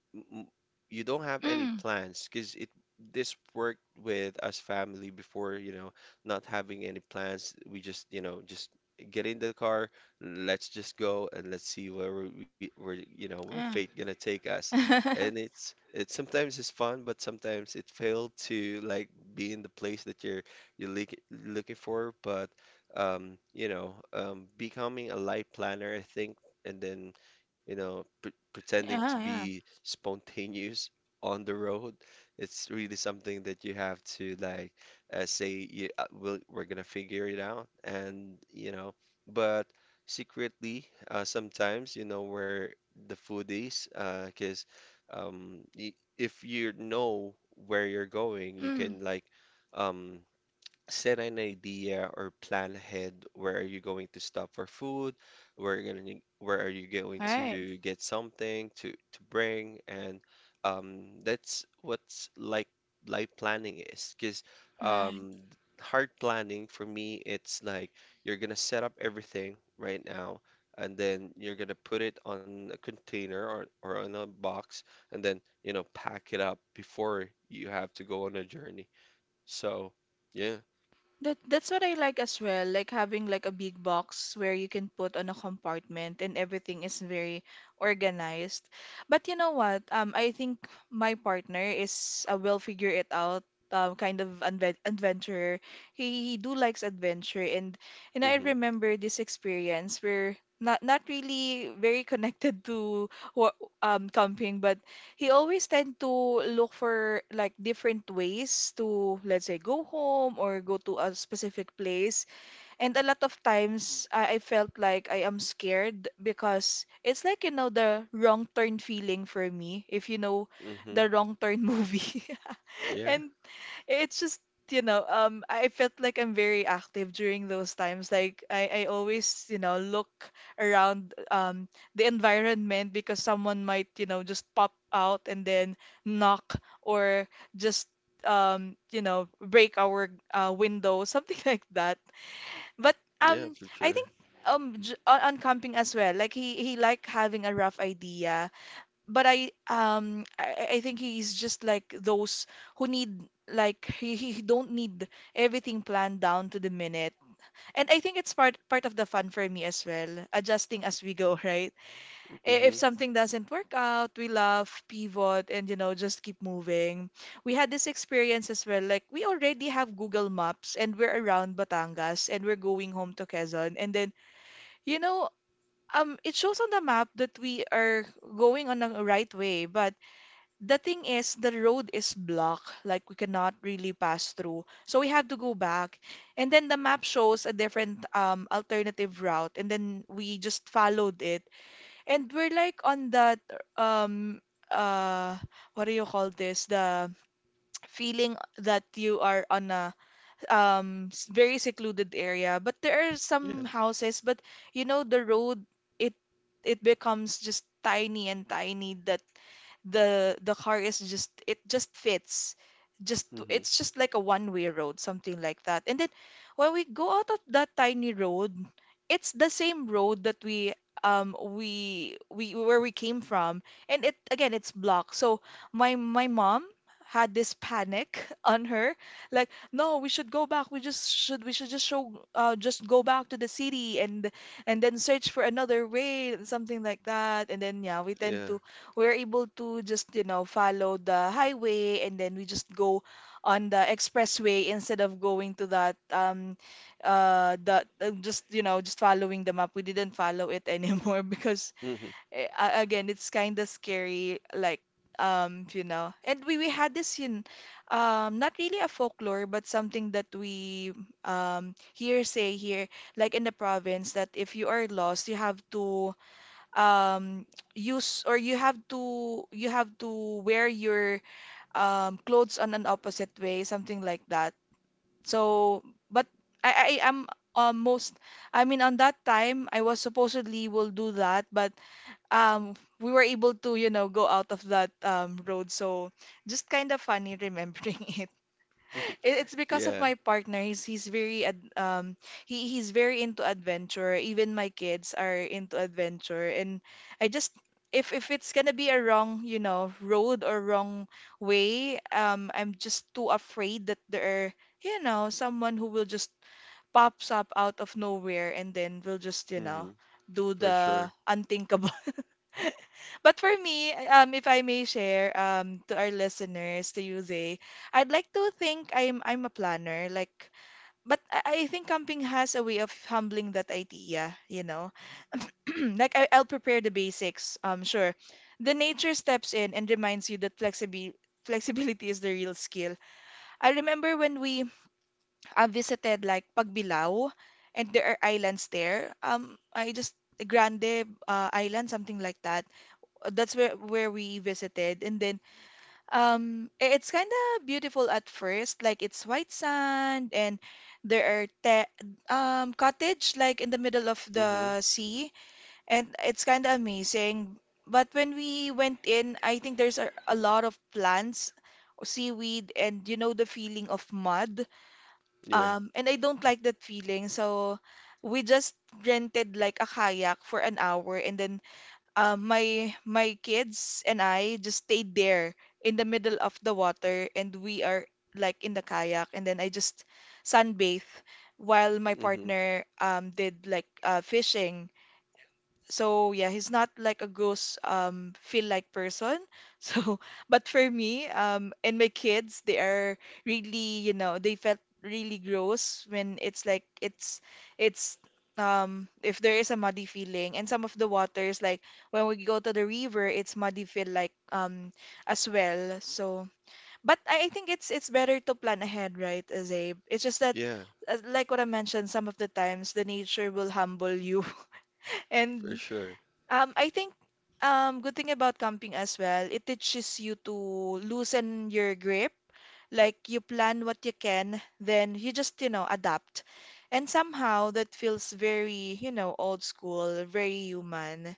Speaker 2: m- you don't have any
Speaker 1: mm.
Speaker 2: plans. Because it this worked with us family before, you know, not having any plans. We just, you know, just get in the car, let's just go and let's see where we we- where you know where fate
Speaker 1: Yeah.
Speaker 2: gonna take us. And
Speaker 1: [laughs]
Speaker 2: it's it sometimes is fun, but sometimes it failed to like be in the place that you're you're look, looking for. But um, you know, um, becoming a life planner, I think, and then, you know, pre- pretending to
Speaker 1: Yeah, yeah.
Speaker 2: be spontaneous on the road. It's really something that you have to like uh, say you, uh, we'll, we're gonna figure it out, and, you know, but secretly uh, sometimes you know where the food is. Because um, y if you know where you're going, you
Speaker 1: Mm,
Speaker 2: can like um set an idea or plan ahead. Where are you going to stop for food? Where are you going where are you going
Speaker 1: right.
Speaker 2: to get something to to bring? And um, that's what's like light planning is. Because um, hard planning for me, it's like you're gonna set up everything right now, and then you're gonna put it on a container or, or on a box, and then, you know, pack it up before you have to go on a journey. So, yeah.
Speaker 1: That that's what I like as well, like having like a big box where you can put on a compartment and everything is very organized. But you know what? Um, I think my partner is a will figure it out um, kind of adve adventurer. He, he do likes adventure and and I
Speaker 2: Mm-hmm.
Speaker 1: remember this experience where not not really very connected to what um camping, but he always tend to look for like different ways to let's say go home or go to a specific place and a lot of times I, I felt like I am scared because it's like you know the wrong turn feeling for me if you know
Speaker 2: Mm-hmm.
Speaker 1: the wrong turn movie [laughs]
Speaker 2: Yeah.
Speaker 1: and it's just, you know, um, I felt like I'm very active during those times. Like I, I always, you know, look around um the environment because someone might, you know, just pop out and then knock or just um, you know, break our uh, window, [laughs] something like that. But
Speaker 2: Yeah,
Speaker 1: um,
Speaker 2: for
Speaker 1: I
Speaker 2: sure.
Speaker 1: think um j on, on camping as well, like he he like having a rough idea but I um I, I think he's just like those who need like he, he he don't need everything planned down to the minute. And I think it's part part of the fun for me as well, adjusting as we go, [laughs] right?
Speaker 2: Mm-hmm.
Speaker 1: I- If something doesn't work out, we laugh, pivot, and, you know, just keep moving. We had this experience as well, like we already have Google Maps and we're around Batangas and we're going home to Quezon. And then, you know, um it shows on the map that we are going on the right way, but the thing is, the road is blocked, like we cannot really pass through. So we have to go back. And then the map shows a different um alternative route, and then we just followed it. And we're like on that um uh what do you call this? The feeling that you are on a um s- very secluded area, but there are
Speaker 2: Yeah.
Speaker 1: some houses, but you know the road it it becomes just tiny and tiny, that the the car is just, it just fits, just
Speaker 2: Mm-hmm.
Speaker 1: it's just like a one-way road, something like that. And then when we go out of that tiny road, it's the same road that we um we we where we came from, and it again it's blocked. So my my mom had this panic [laughs] on her, like, no, we should go back, we just should, we should just show uh just go back to the city, and and then search for another way, and something like that. And then, yeah, we
Speaker 2: Yeah.
Speaker 1: tend to, we're able to just, you know, follow the highway, and then we just go on the expressway instead of going to that um uh the uh, just, you know, just following the map. We didn't follow it anymore [laughs] because
Speaker 2: Mm-hmm.
Speaker 1: eh, a- again it's kind of scary, like, um you know, and we we had this in, um not really a folklore, but something that we um hearsay here, like in the province, that if you are lost, you have to, um use, or you have to, you have to wear your um clothes on an opposite way, something like that. So, but I I am, um, most I mean, on that time I was supposedly will do that, but um we were able to, you know, go out of that um road. So, just kind of funny remembering [laughs] it. It- It's because of
Speaker 2: Yeah.
Speaker 1: my partner. He's he's very ad- um he he's very into adventure. Even my kids are into adventure, and I just, if if it's gonna be a wrong, you know, road or wrong way, um I'm just too afraid that there are, you know, someone who will just pops up out of nowhere and then will just, you know,
Speaker 2: Mm-hmm.
Speaker 1: do
Speaker 2: For sure.
Speaker 1: the unthinkable. But for me, um, if I may share, um, to our listeners, to you, Zay, I'd like to think I'm I'm a planner. Like, but I, I think camping has a way of humbling that idea. You know, [clears throat] like I, I'll prepare the basics. Um, sure, the nature steps in and reminds you that flexibility flexibility is the real skill. I remember when we uh, visited like Pagbilao, and there are islands there. Um, I just Grande uh, Island, something like that. That's where where we visited, and then um i- it's kind of beautiful at first, like it's white sand, and there are te um cottage like in the middle of
Speaker 2: Mm-hmm.
Speaker 1: the sea, and it's kind of amazing. But when we went in, I think there's a, a lot of plants, seaweed, and you know the feeling of mud,
Speaker 2: Yeah.
Speaker 1: um and I don't like that feeling. So we just rented like a kayak for an hour, and then, um, my my kids and I just stayed there in the middle of the water, and we are like in the kayak, and then I just sunbathe while my
Speaker 2: Mm-hmm.
Speaker 1: partner um did like, uh, fishing. So yeah, he's not like a gross um feel like person. [laughs] So, but for me, um and my kids, they are really, you know, they felt really gross when it's like it's it's um if there is a muddy feeling. And some of the waters, like when we go to the river, it's muddy feel like, um as well. So, but I, I think it's it's better to plan ahead, right, Azabe? It's just that,
Speaker 2: Yeah.
Speaker 1: uh, like what I mentioned, some of the times the nature will humble you [laughs]
Speaker 2: For
Speaker 1: and,
Speaker 2: sure.
Speaker 1: um, I think, um good thing about camping as well, it teaches you to loosen your grip. Like you plan what you can, then you just, you know, adapt. And somehow that feels very, you know, old school, very human.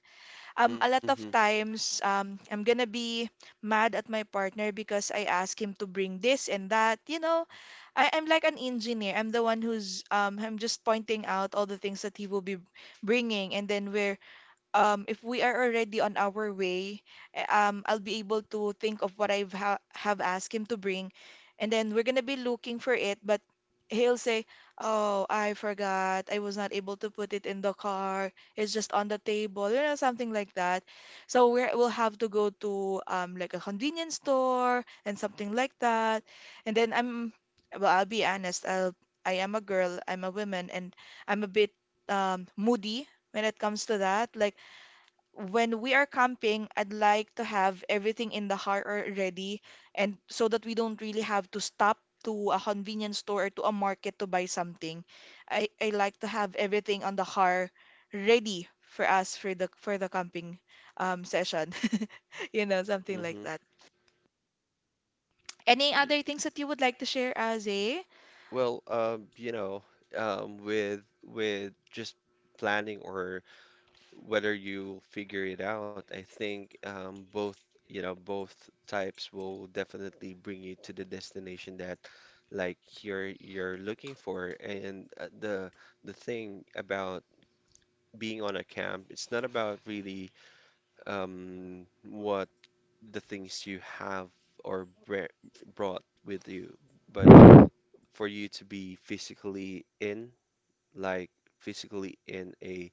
Speaker 1: Um, a
Speaker 2: Mm-hmm.
Speaker 1: lot of times, um, I'm gonna be mad at my partner because I ask him to bring this and that. You know, I, I'm like an engineer. I'm the one who's, um, I'm just pointing out all the things that he will be bringing, and then we're, um, if we are already on our way, eh, um, I'll be able to think of what I've ha have asked him to bring, and then we're gonna be looking for it, but he'll say, "Oh, I forgot. I was not able to put it in the car. It's just on the table," you know, something like that. So we're, we'll have to go to, um, like a convenience store and something like that, and then I'm, well, I'll be honest. I'll, I am a girl. I'm a woman, and I'm a bit um, moody when it comes to that. Like when we are camping, I'd like to have everything in the car already, and so that we don't really have to stop to a convenience store or to a market to buy something. I, I like to have everything on the car, ready for us, for the for the camping um session. [laughs] You know, something
Speaker 2: Mm-hmm.
Speaker 1: like that. Any other things that you would like to share, Aze?
Speaker 2: Well, um, you know, um, with with just planning or whether you figure it out, I think um, both, you know, both types will definitely bring you to the destination that like you're you're looking for. And uh, the the thing about being on a camp, it's not about really, um, what the things you have or br brought with you, but for you to be physically in, like, physically in a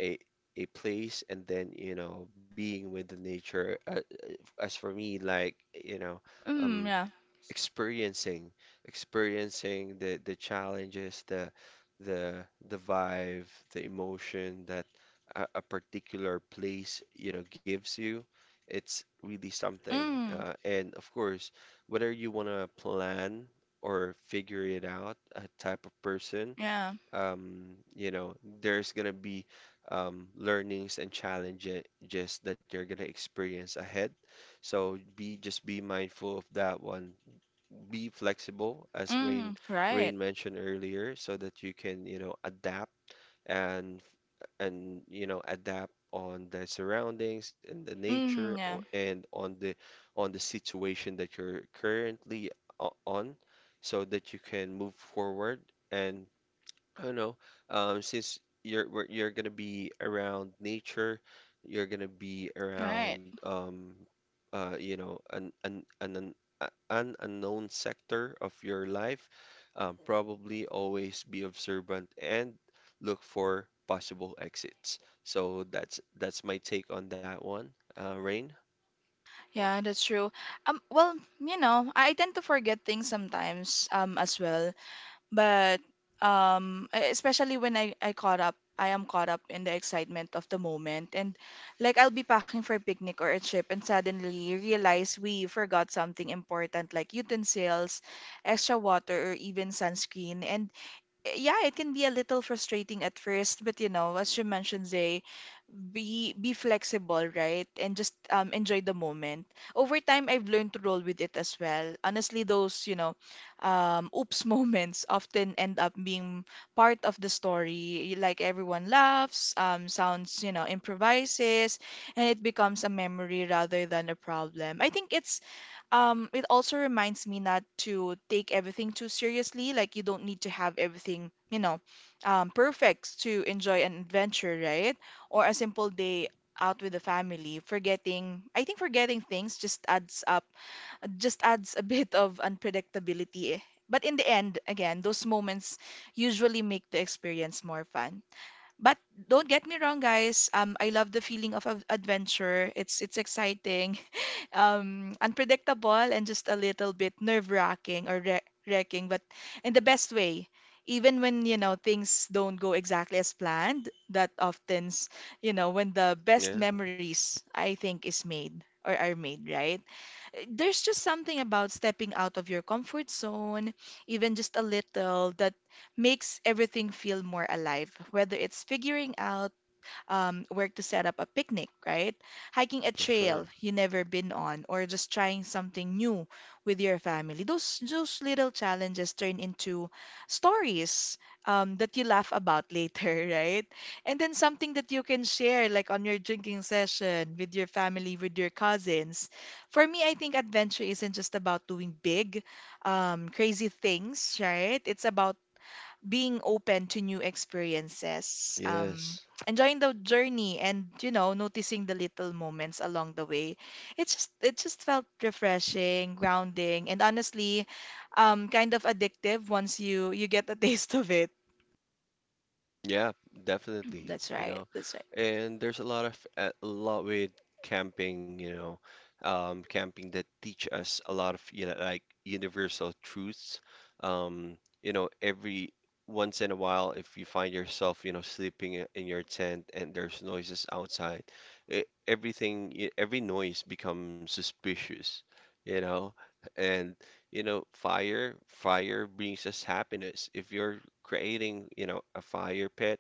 Speaker 2: a a place, and then, you know, being with the nature. Uh, as for me, like, you know, um
Speaker 1: Mm, yeah.
Speaker 2: experiencing, experiencing the the challenges, the the the vibe, the emotion that a, a particular place, you know, gives you, it's really something.
Speaker 1: Mm,
Speaker 2: Uh, and of course, whether you want to plan or figure it out, a type of person,
Speaker 1: yeah.
Speaker 2: um, you know, there's gonna be, um, learnings and challenges that you're gonna experience ahead. So be, just be mindful of that one. Be flexible, as Rain
Speaker 1: Mm, right.
Speaker 2: Rain mentioned earlier, so that you can, you know, adapt, and and, you know, adapt on the surroundings and the nature,
Speaker 1: Mm,
Speaker 2: o-
Speaker 1: yeah.
Speaker 2: and on the, on the situation that you're currently o- on, so that you can move forward. And I don't know. Um, since you're we're- you're gonna be around nature, you're gonna be
Speaker 1: Right.
Speaker 2: around, um, uh, you know, an an an an, a- an unknown sector of your life. Um, probably always be observant and look for possible exits. So that's that's my take on that one. Uh, Rain?
Speaker 1: Yeah, that's true. Um, well, you know, I tend to forget things sometimes, um, as well. But um, e- especially when I, I caught up, I am caught up in the excitement of the moment, and like I'll be packing for a picnic or a trip, and suddenly realize we forgot something important, like utensils, extra water, or even sunscreen. And yeah, it can be a little frustrating at first, but you know, as you mentioned, Zay, be be flexible, right? And just um enjoy the moment. Over time, I've learned to roll with it as well. Honestly, those, you know, um oops [laughs] moments often end up being part of the story. Like everyone laughs, um sounds, you know, improvises, and it becomes a memory rather than a problem. I think it's um, it also reminds me not to take everything too seriously. Like you don't need to have everything, you know, um, perfect to enjoy an adventure, right? Or a simple day out with the family. Forgetting, I think forgetting things just adds up, just adds a bit of unpredictability. But in the end, again, those moments usually make the experience more fun. But don't get me wrong, guys. Um, I love the feeling of av- adventure. It's it's exciting. [laughs] Um, unpredictable and just a little bit nerve-wracking or wre- wrecking, but in the best way. Even when, you know, things don't go exactly as planned, that often's, you know, when the best
Speaker 2: Yeah,
Speaker 1: memories, I think, is made or are made, right? Uh, There's just something about stepping out of your comfort zone, even just a little, that makes everything feel more alive, whether it's figuring out, um, where to set up a picnic, right? Hiking a
Speaker 2: for sure.
Speaker 1: trail you never been on, or just trying something new with your family. Those those little challenges turn into stories, um, that you laugh about later, [laughs] right? And then something that you can share, like on your drinking session with your family, with your cousins. For me, I think adventure isn't just about doing big, um, crazy things, right? It's about being open to new experiences, um,
Speaker 2: Yes.
Speaker 1: enjoying the journey, and you know, noticing the little moments along the way. It just it just felt refreshing, grounding, and honestly, um, kind of addictive once you you get a [laughs] taste of it.
Speaker 2: Yeah, definitely,
Speaker 1: That's
Speaker 2: you
Speaker 1: right.
Speaker 2: know.
Speaker 1: That's right.
Speaker 2: And there's a lot of, a lot with camping, you know, um, camping that teach us a lot of, you know, like universal truths. Um, you know, every once in a while, if you find yourself, you know, sleeping i- in your tent and there's noises outside, e- everything, e- every noise becomes suspicious, you know. And, you know, fire, fire brings us happiness. If you're creating, you know, a fire pit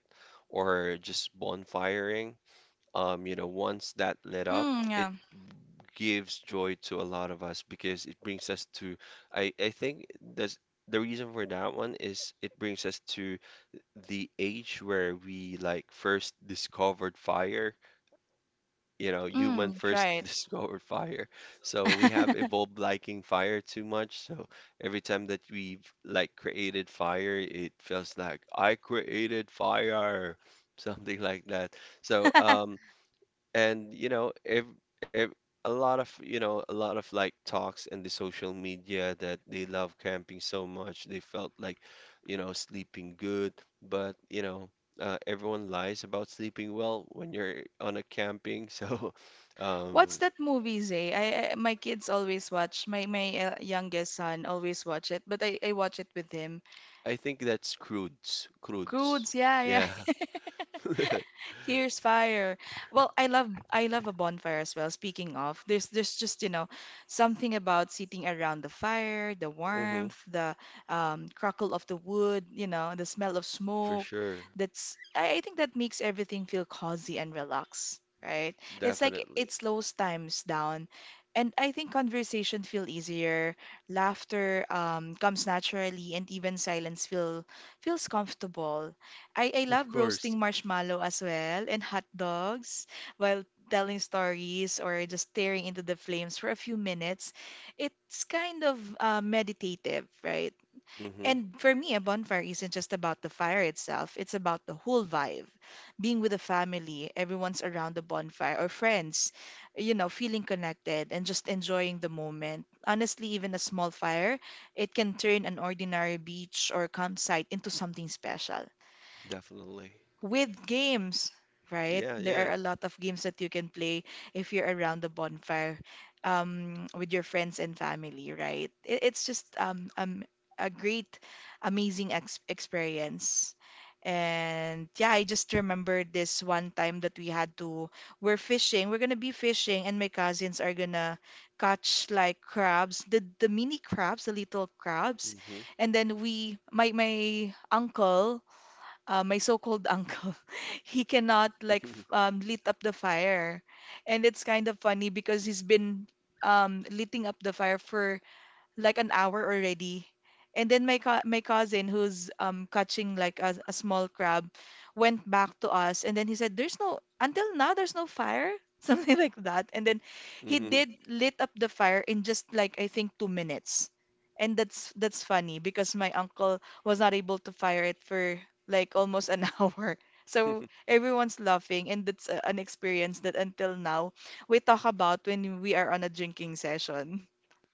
Speaker 2: or just bonfiring, um, you know, once that lit up,
Speaker 1: Mm,
Speaker 2: it
Speaker 1: yeah.
Speaker 2: gives joy to a lot of us, because it brings us to, I, I think that's the reason for that one, is it brings us to the age where we, like, first discovered fire, you know, human
Speaker 1: Mm,
Speaker 2: first [laughs]
Speaker 1: right.
Speaker 2: discovered fire. So we have evolved
Speaker 1: [laughs]
Speaker 2: liking fire too much. So every time that we've, like, created fire, it feels like I created fire, [laughs] something like that. So um, and you know, if, if a lot of, you know, a lot of like talks in the social media that they love camping so much, they felt like, you know, sleeping good, but, you know, uh, everyone lies about sleeping well when you're on a camping. [laughs] so um
Speaker 1: What's that movie, Zay? I, I my kids always watch. My my uh, youngest son always watch it, but I, I watch it with him.
Speaker 2: I think that's Crudes Crudes.
Speaker 1: Croods, yeah,
Speaker 2: Yeah.
Speaker 1: yeah.
Speaker 2: [laughs]
Speaker 1: Here's fire. Well, I love I love a bonfire as well. Speaking of, there's there's just, you know, something about sitting around the fire, the
Speaker 2: Hmm.
Speaker 1: warmth, the um, crackle of the wood, you know, the smell of
Speaker 2: For
Speaker 1: smoke.
Speaker 2: sure.
Speaker 1: That's, I, I think that makes everything feel cozy and relaxed, right? It's like it
Speaker 2: Definitely.
Speaker 1: slows times down. And I think conversation feel easier, laughter um, comes naturally, and even silence feel feels comfortable. I, I
Speaker 2: Of
Speaker 1: love
Speaker 2: course.
Speaker 1: roasting marshmallow as well and hot dogs while telling stories or just staring into the flames for a few minutes. It's kind of, uh, meditative, right?
Speaker 2: Mm-hmm.
Speaker 1: And for me, a bonfire isn't just about the fire itself, it's about the whole vibe. Being with the family, everyone's around the bonfire, or friends, you know, feeling connected and just enjoying the moment. Honestly, even a small fire, it can turn an ordinary beach or campsite into something special
Speaker 2: Definitely.
Speaker 1: with games, right?
Speaker 2: Yeah,
Speaker 1: There
Speaker 2: yeah.
Speaker 1: are a lot of games that you can play if you're around the bonfire, um, with your friends and family, right? It, it's just, um, um, a great, amazing ex experience. And yeah, I just remembered this one time that we had to, we're fishing, we're gonna be fishing, and my cousins are gonna catch like crabs, the the mini crabs, the little crabs.
Speaker 2: Mm-hmm.
Speaker 1: And then we, my my uncle, uh, my so-called uncle, [laughs] he cannot like f- um,
Speaker 2: [laughs]
Speaker 1: lit up the fire. And it's kind of funny because he's been, um, lighting up the fire for like an hour already. And then my co my cousin who's um catching like a, a small crab went back to us, and then he said, "There's no, until now there's no fire," [laughs] something like that. And then he
Speaker 2: Mm-hmm.
Speaker 1: did lit up the fire in just, like, I think two minutes. And that's that's funny because my uncle was not able to fire it for like almost an [laughs] hour. So
Speaker 2: [laughs]
Speaker 1: everyone's laughing, and that's a, an experience that until now we talk about when we are on a drinking session.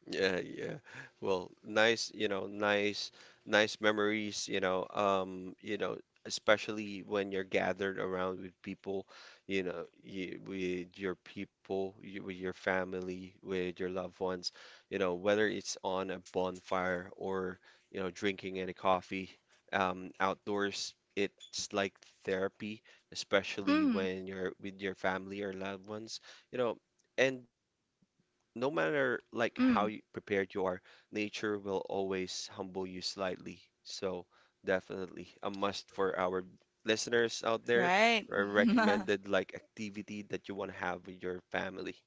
Speaker 2: Yeah, yeah. Well, nice, you know, nice, nice memories, you know, um, you know, especially when you're gathered around with people, you know, you, with your people, you, with your family, with your loved ones, you know, whether it's on a bonfire or, you know, drinking any coffee, um, outdoors, it's like therapy, especially
Speaker 1: Mm.
Speaker 2: when you're with your family or loved ones, you know, and no matter like how you
Speaker 1: Mm.
Speaker 2: prepared you are, nature will always humble you slightly. So definitely a must for our listeners out there,
Speaker 1: Right.
Speaker 2: or
Speaker 1: [laughs]
Speaker 2: recommended like activity that you want to have with your family.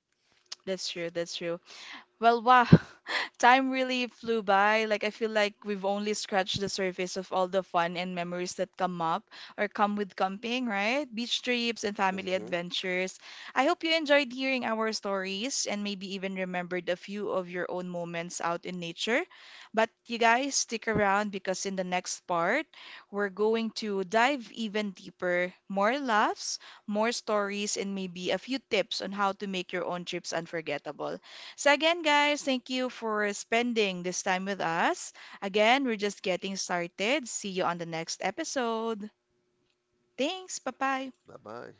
Speaker 1: That's true. That's true. Well, wow, [laughs] time really flew by. Like, I feel like we've only scratched the surface of all the fun and memories that come up or come with camping, right? Beach trips and family
Speaker 2: Hmm.
Speaker 1: adventures. I hope you enjoyed hearing our stories and maybe even remembered a few of your own moments out in nature. But you guys, stick around because in the next part, we're going to dive even deeper, more laughs, more stories, and maybe a few tips on how to make your own trips unforgettable. So, again, guys, thank you for spending this time with us. Again, we're just getting started. See you on the next episode. Thanks. Bye bye.
Speaker 2: Bye bye.